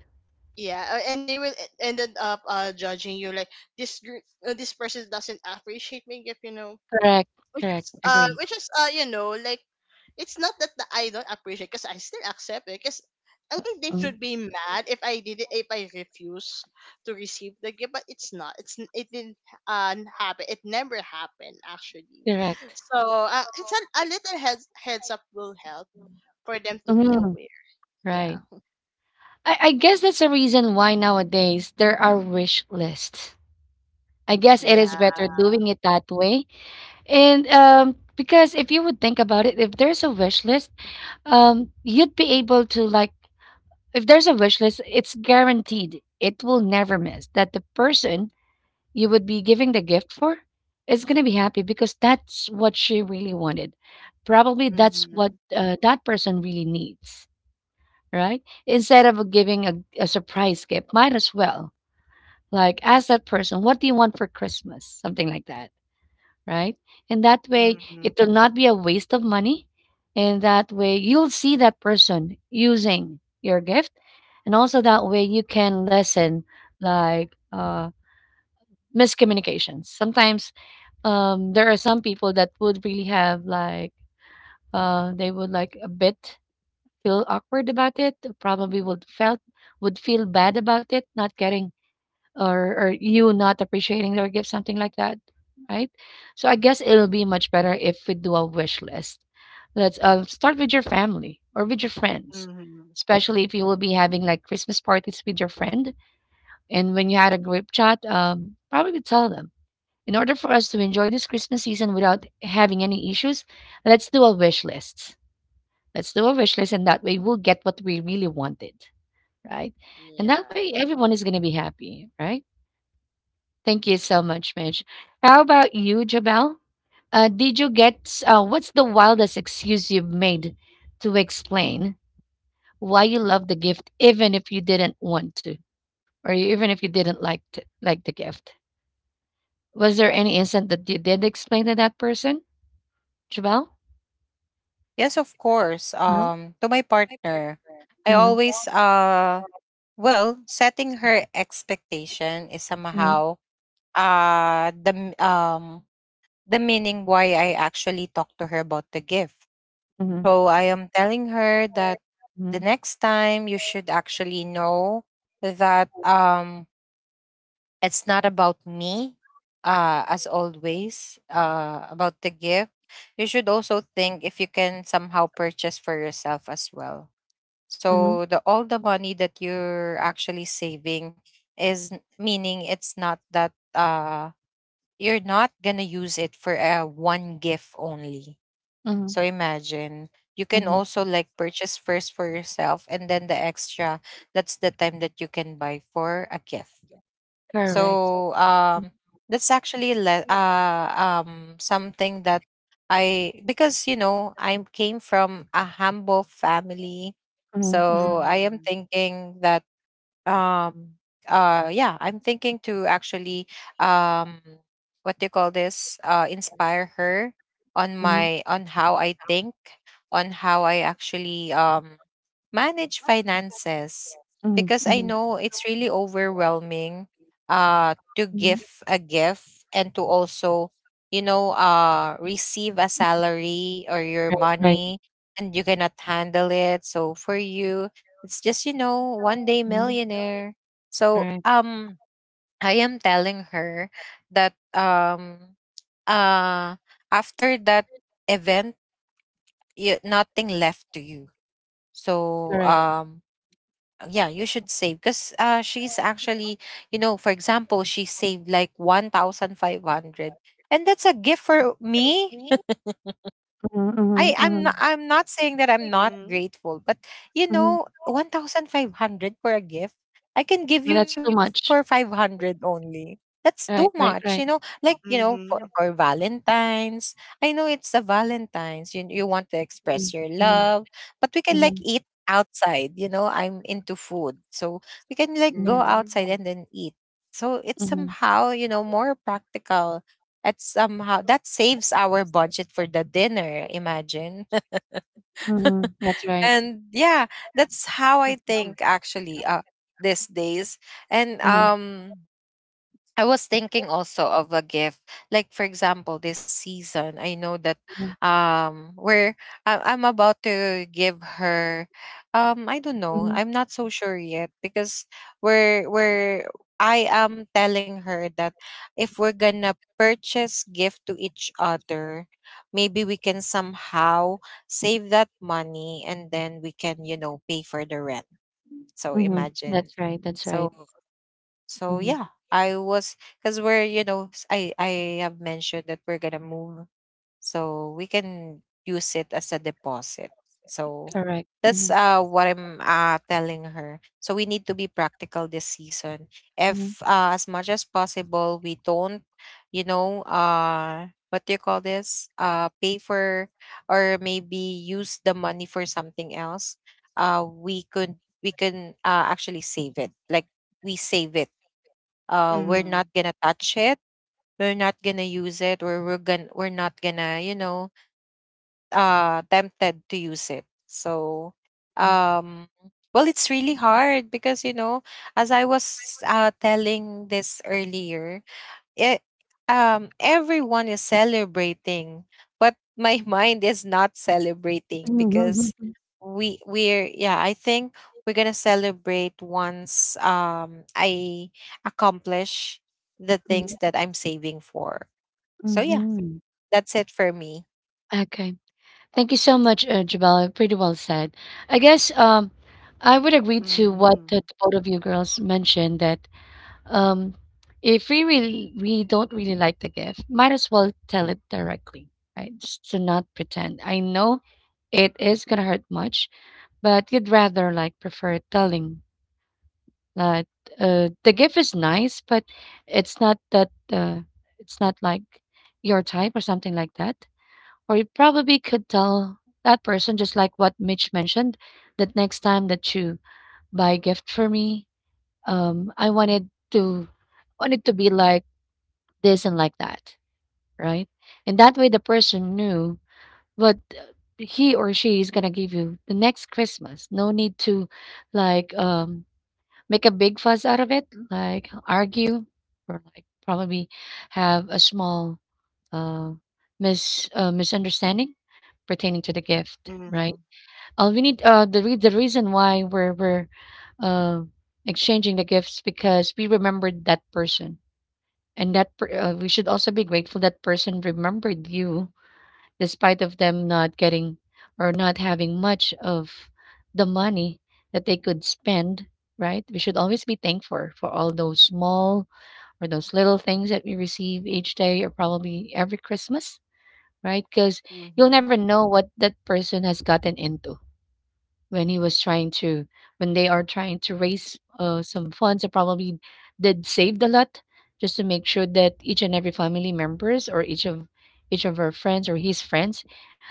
S2: Yeah. And they will ended up judging you like, this person doesn't appreciate me, if you know,
S1: Correct,
S2: which
S1: correct,
S2: is
S1: agree.
S2: you know, like, it's not that I don't appreciate, because I still accept it, because I think they
S1: Mm,
S2: should be mad if I did it, if I refuse to receive the gift, but it's it didn't happen, it never happened, actually.
S1: correct.
S2: So it's a little heads up will help for them to be
S1: Mhm,
S2: aware. Yeah.
S1: right. I guess that's the reason why nowadays there are wish lists. I guess it
S2: Yeah.
S1: is better doing it that way. And because if you would think about it, if there's a wish list, you'd be able to like, if there's a wish list, it's guaranteed. It will never miss that the person you would be giving the gift for is going to be happy because that's what she really wanted. Probably that's what
S2: Mm-hmm.
S1: that person really needs, right? Instead of giving a surprise gift, might as well like ask that person, what do you want for Christmas? Something like that, right? And that way,
S2: Mm-hmm.
S1: it will not be a waste of money. And that way, you'll see that person using your gift. And also that way, you can lessen like, miscommunications. Sometimes there are some people that would really have like they would like a bit feel awkward about it. Probably would felt would feel bad about it, not getting or you not appreciating their gift, something like that, right? So I guess it'll be much better if we do a wish list. Let's start with your family or with your friends,
S2: Mm-hmm.
S1: especially if you will be having like Christmas parties with your friend. And when you had a group chat, probably tell them in order for us to enjoy this Christmas season without having any issues, let's do a wish list. Let's do a wish list, and that way we'll get what we really wanted, right? And that
S2: Yeah.
S1: way everyone is going to be happy, right? Thank you so much, Mitch. How about you, Jabel? Did you get what's the wildest excuse you've made to explain why you love the gift, even if you didn't want to, or even if you didn't like to, like the gift? Was there any instant that you did explain to that person, Jabal?
S3: Yes, of course.
S1: Mhm,
S3: To my partner, I always well, setting her expectation is somehow uh the m- um the meaning why I actually talked to her about the gift. So I am telling her that the next time you should actually know that it's not about me, as always, about the gift. You should also think if you can somehow purchase for yourself as well. So the all the money that you're actually saving is meaning it's not that you're not gonna use it for a one gift only.
S1: mhm.
S3: So imagine, you can also like purchase first for yourself, and then the extra, that's the time that you can buy for a gift.
S1: Correct.
S3: So that's actually something that I, because you know, I came from a humble family. So
S1: Mhm,
S3: I am
S2: Mm-hmm.
S3: thinking that um yeah, I'm thinking to actually um what do you call this, inspire her on my, on how I think, on how I actually manage finances, because I know it's really overwhelming to give a gift and to also receive a salary or your
S1: right,
S3: money, and you cannot handle it. So for you it's just, you know, 1-day millionaire. So
S1: correct.
S3: I am telling her that uh after that event, you, nothing left to you. So yeah, you should save, because she's actually, you know, for example, she saved like 1500, and that's a gift for me. I'm not saying that I'm not
S2: Mm-hmm.
S3: grateful, but you know, 1500 for a gift, I can give
S1: But
S3: you
S1: that's
S3: for
S1: too much.
S3: 500 only. That's too much, you
S1: Right,
S3: know.
S1: right, right.
S3: Like, you know, for Valentine's, I know it's a Valentine's. You want to express your
S1: Mhm,
S3: love, but we can like
S1: mhm,
S3: eat outside, you know. I'm into food. So we can like go
S1: mhm.
S2: Mm-hmm.
S3: outside and then eat. So it's somehow, you know, more practical, that's somehow that saves our budget for the dinner. Imagine.
S1: That's right.
S3: and yeah, that's how I think actually these days. And I was thinking also of a gift. Like for example, this season, I know that um we're I'm about to give her I don't know. I'm not so sure yet because we're I am telling her that if we're gonna purchase gift to each other, maybe we can somehow save that money, and then we can, you know, pay for the rent. So
S1: Mhm.
S3: imagine.
S1: That's right. That's
S3: So
S1: right.
S3: so
S1: Mhm.
S3: yeah, I was, because we're, you know, I have mentioned that we're gonna move, so we can use it as a deposit. So
S1: Correct.
S3: that's
S1: Mhm,
S3: what I'm telling her. So we need to be practical this season.
S1: mhm,
S3: If as much as possible we don't, you know. What do you call this? Pay for, or maybe use the money for something else. We can actually save it. Like we save it,
S1: mhm,
S3: we're
S2: Mhm.
S3: not gonna touch it, we're not gonna use it, or we're gonna we're not gonna, you know, tempted to use it. So
S1: mhm.
S3: um, well, it's really hard because, you know, as I was telling this earlier, it everyone is celebrating, but my mind is not celebrating because we're yeah, I think we're gonna celebrate once I accomplish the things that I'm saving for. So yeah, that's it for me.
S1: Okay. Thank you so much, Jabal. Pretty well said. I guess I would agree to what
S2: Mhm.
S1: the both of you girls mentioned that um, if we really we don't really like the gift, might as well tell it directly, right? Just to not pretend. I know it is gonna hurt much but you'd rather like prefer telling that the gift is nice, but it's not that it's not like your type or something like that. Or you probably could tell that person just like what Mitch mentioned that next time that you buy a gift for me, I want it to be like this and like that, right? And that way the person knew what he or she is gonna give you the next Christmas. No need to like make a big fuss out of it, like argue or like probably have a small uh, misunderstanding pertaining to the gift,
S2: Mhm.
S1: right? We need the re- the reason why we're uh, exchanging the gifts because we remembered that person, and we should also be grateful that person remembered you despite of them not getting or not having much of the money that they could spend, right? We should always be thankful for all those small or those little things that we receive each day or probably every Christmas, right? Because you'll
S2: Mhm.
S1: never know what that person has gotten into when he was trying to when they are trying to raise some funds. I probably did saved a lot just to make sure that each and every family members or each of our friends or his friends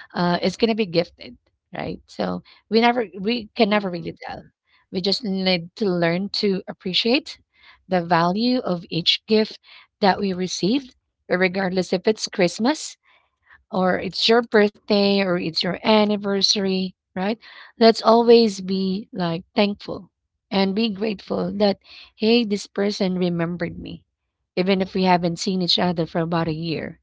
S1: is gonna be gifted, right? So we can never
S2: Mhm.
S1: really tell. We just need to learn to appreciate the value of each gift that we received, regardless if it's Christmas or it's your birthday or it's your anniversary, right? Let's always be like thankful and be grateful that, hey, this person remembered me, even if we haven't seen each other for about a year,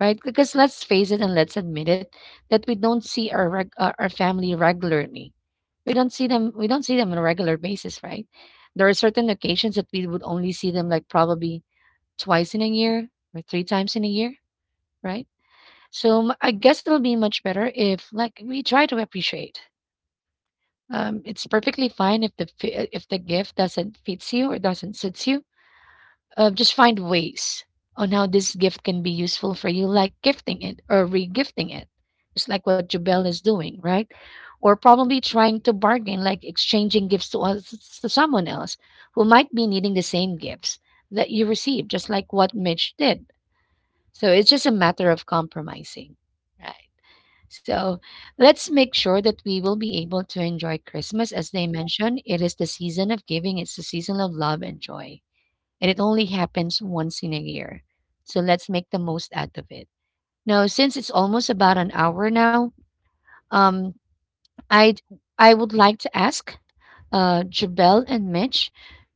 S1: right? Because let's face it and let's admit it that we don't see our, reg- our family regularly. We don't see them, we don't see them on a regular basis, right? There are certain occasions that we would only see them like probably twice in a year or three times in a year, right? So I guess it'll be much better if like we try to appreciate. It's perfectly fine if if the gift doesn't fits you or doesn't suits you. Just find ways on how this gift can be useful for you, like gifting it or regifting it. It's like what Jubel is doing, right? Or probably trying to bargain, like exchanging gifts to us to someone else who might be needing the same gifts that you received, just like what Mitch did. So it's just a matter of compromising, right? So let's make sure that we will be able to enjoy Christmas. As they mentioned, it is the season of giving, it's the season of love and joy. And it only happens once in a year. So let's make the most out of it. Now, since it's almost about an hour now, um, I'd I would like to ask Jabel and Mitch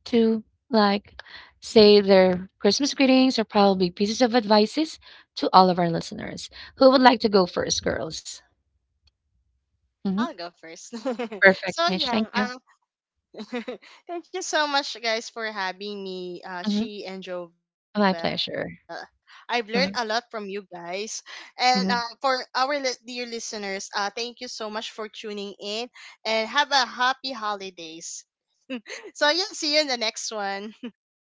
S1: to like say their Christmas greetings or probably pieces of advices to all of our listeners. Who would like to go first, girls?
S2: I'll
S1: Mhm.
S2: go first. So
S1: Perfect, Mitch.
S2: yeah,
S1: Thank you.
S2: thank you so much, guys, for having me, she
S1: Mhm.
S2: and Jovel. I've
S1: My
S2: learned a lot
S1: pleasure.
S2: from you guys,
S1: Mhm,
S2: and for our
S1: mhm.
S2: dear listeners, thank you so much for tuning in, and have a happy holidays. So yeah, see you in the next one.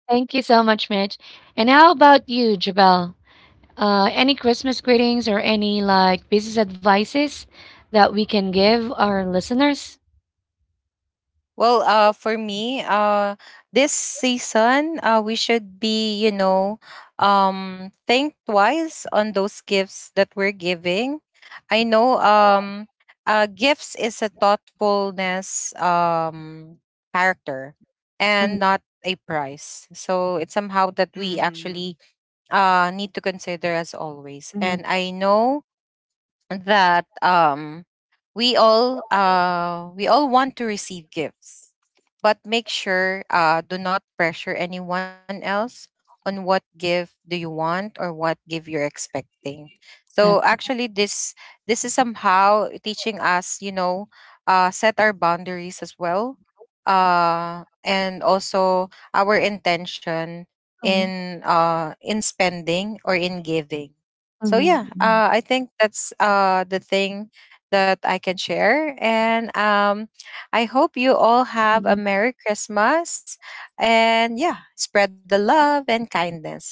S1: Thank you so much, Mitch. And how about you, Jabal? Any Christmas greetings or any like business advices that we can give our listeners?
S3: Well, for me, this season, we should be, you know, think twice on those gifts that we're giving. I know, gifts is a thoughtfulness, character, and not a price. So it's somehow that we
S2: Mhm.
S3: actually need to consider, as always. And I know that we all want to receive gifts, but make sure do not pressure anyone else on what gift do you want or what gift you're expecting. So
S1: Okay.
S3: actually this, this is somehow teaching us, you know, set our boundaries as well, and also our intention in spending or in giving. So yeah, I think that's the thing that I can share. And I hope you all have a Merry Christmas, and yeah, spread the love and kindness.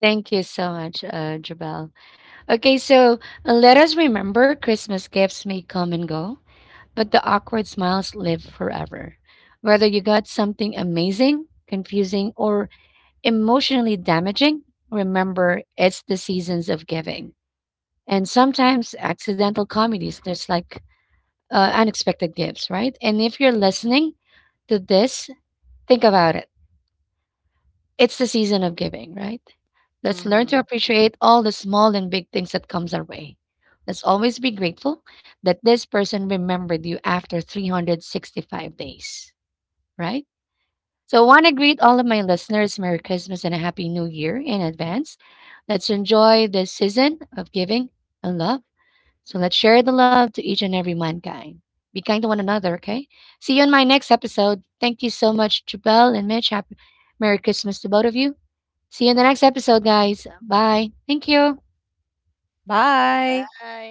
S1: Thank you so much, Jabal. Okay, so let us remember Christmas gifts may come and go, but the awkward smiles live forever. Whether you got something amazing, confusing, or emotionally damaging, remember it's the seasons of giving. And sometimes accidental comedies, there's like unexpected gifts, right? And if you're listening to this, think about it. It's the season of giving, right? Let's
S2: Mhm.
S1: learn to appreciate all the small and big things that comes our way. Let's always be grateful that this person remembered you after 365 days, right? So, I want to greet all of my listeners Merry Christmas and a Happy New Year in advance. Let's enjoy this season of giving and love. So, let's share the love to each and every mankind. Be kind to one another, okay? See you in my next episode. Thank you so much, Jabel and Mitch. Happy Merry Christmas to both of you. See you in the next episode, guys. Bye. Thank you.
S3: Bye.
S2: Bye.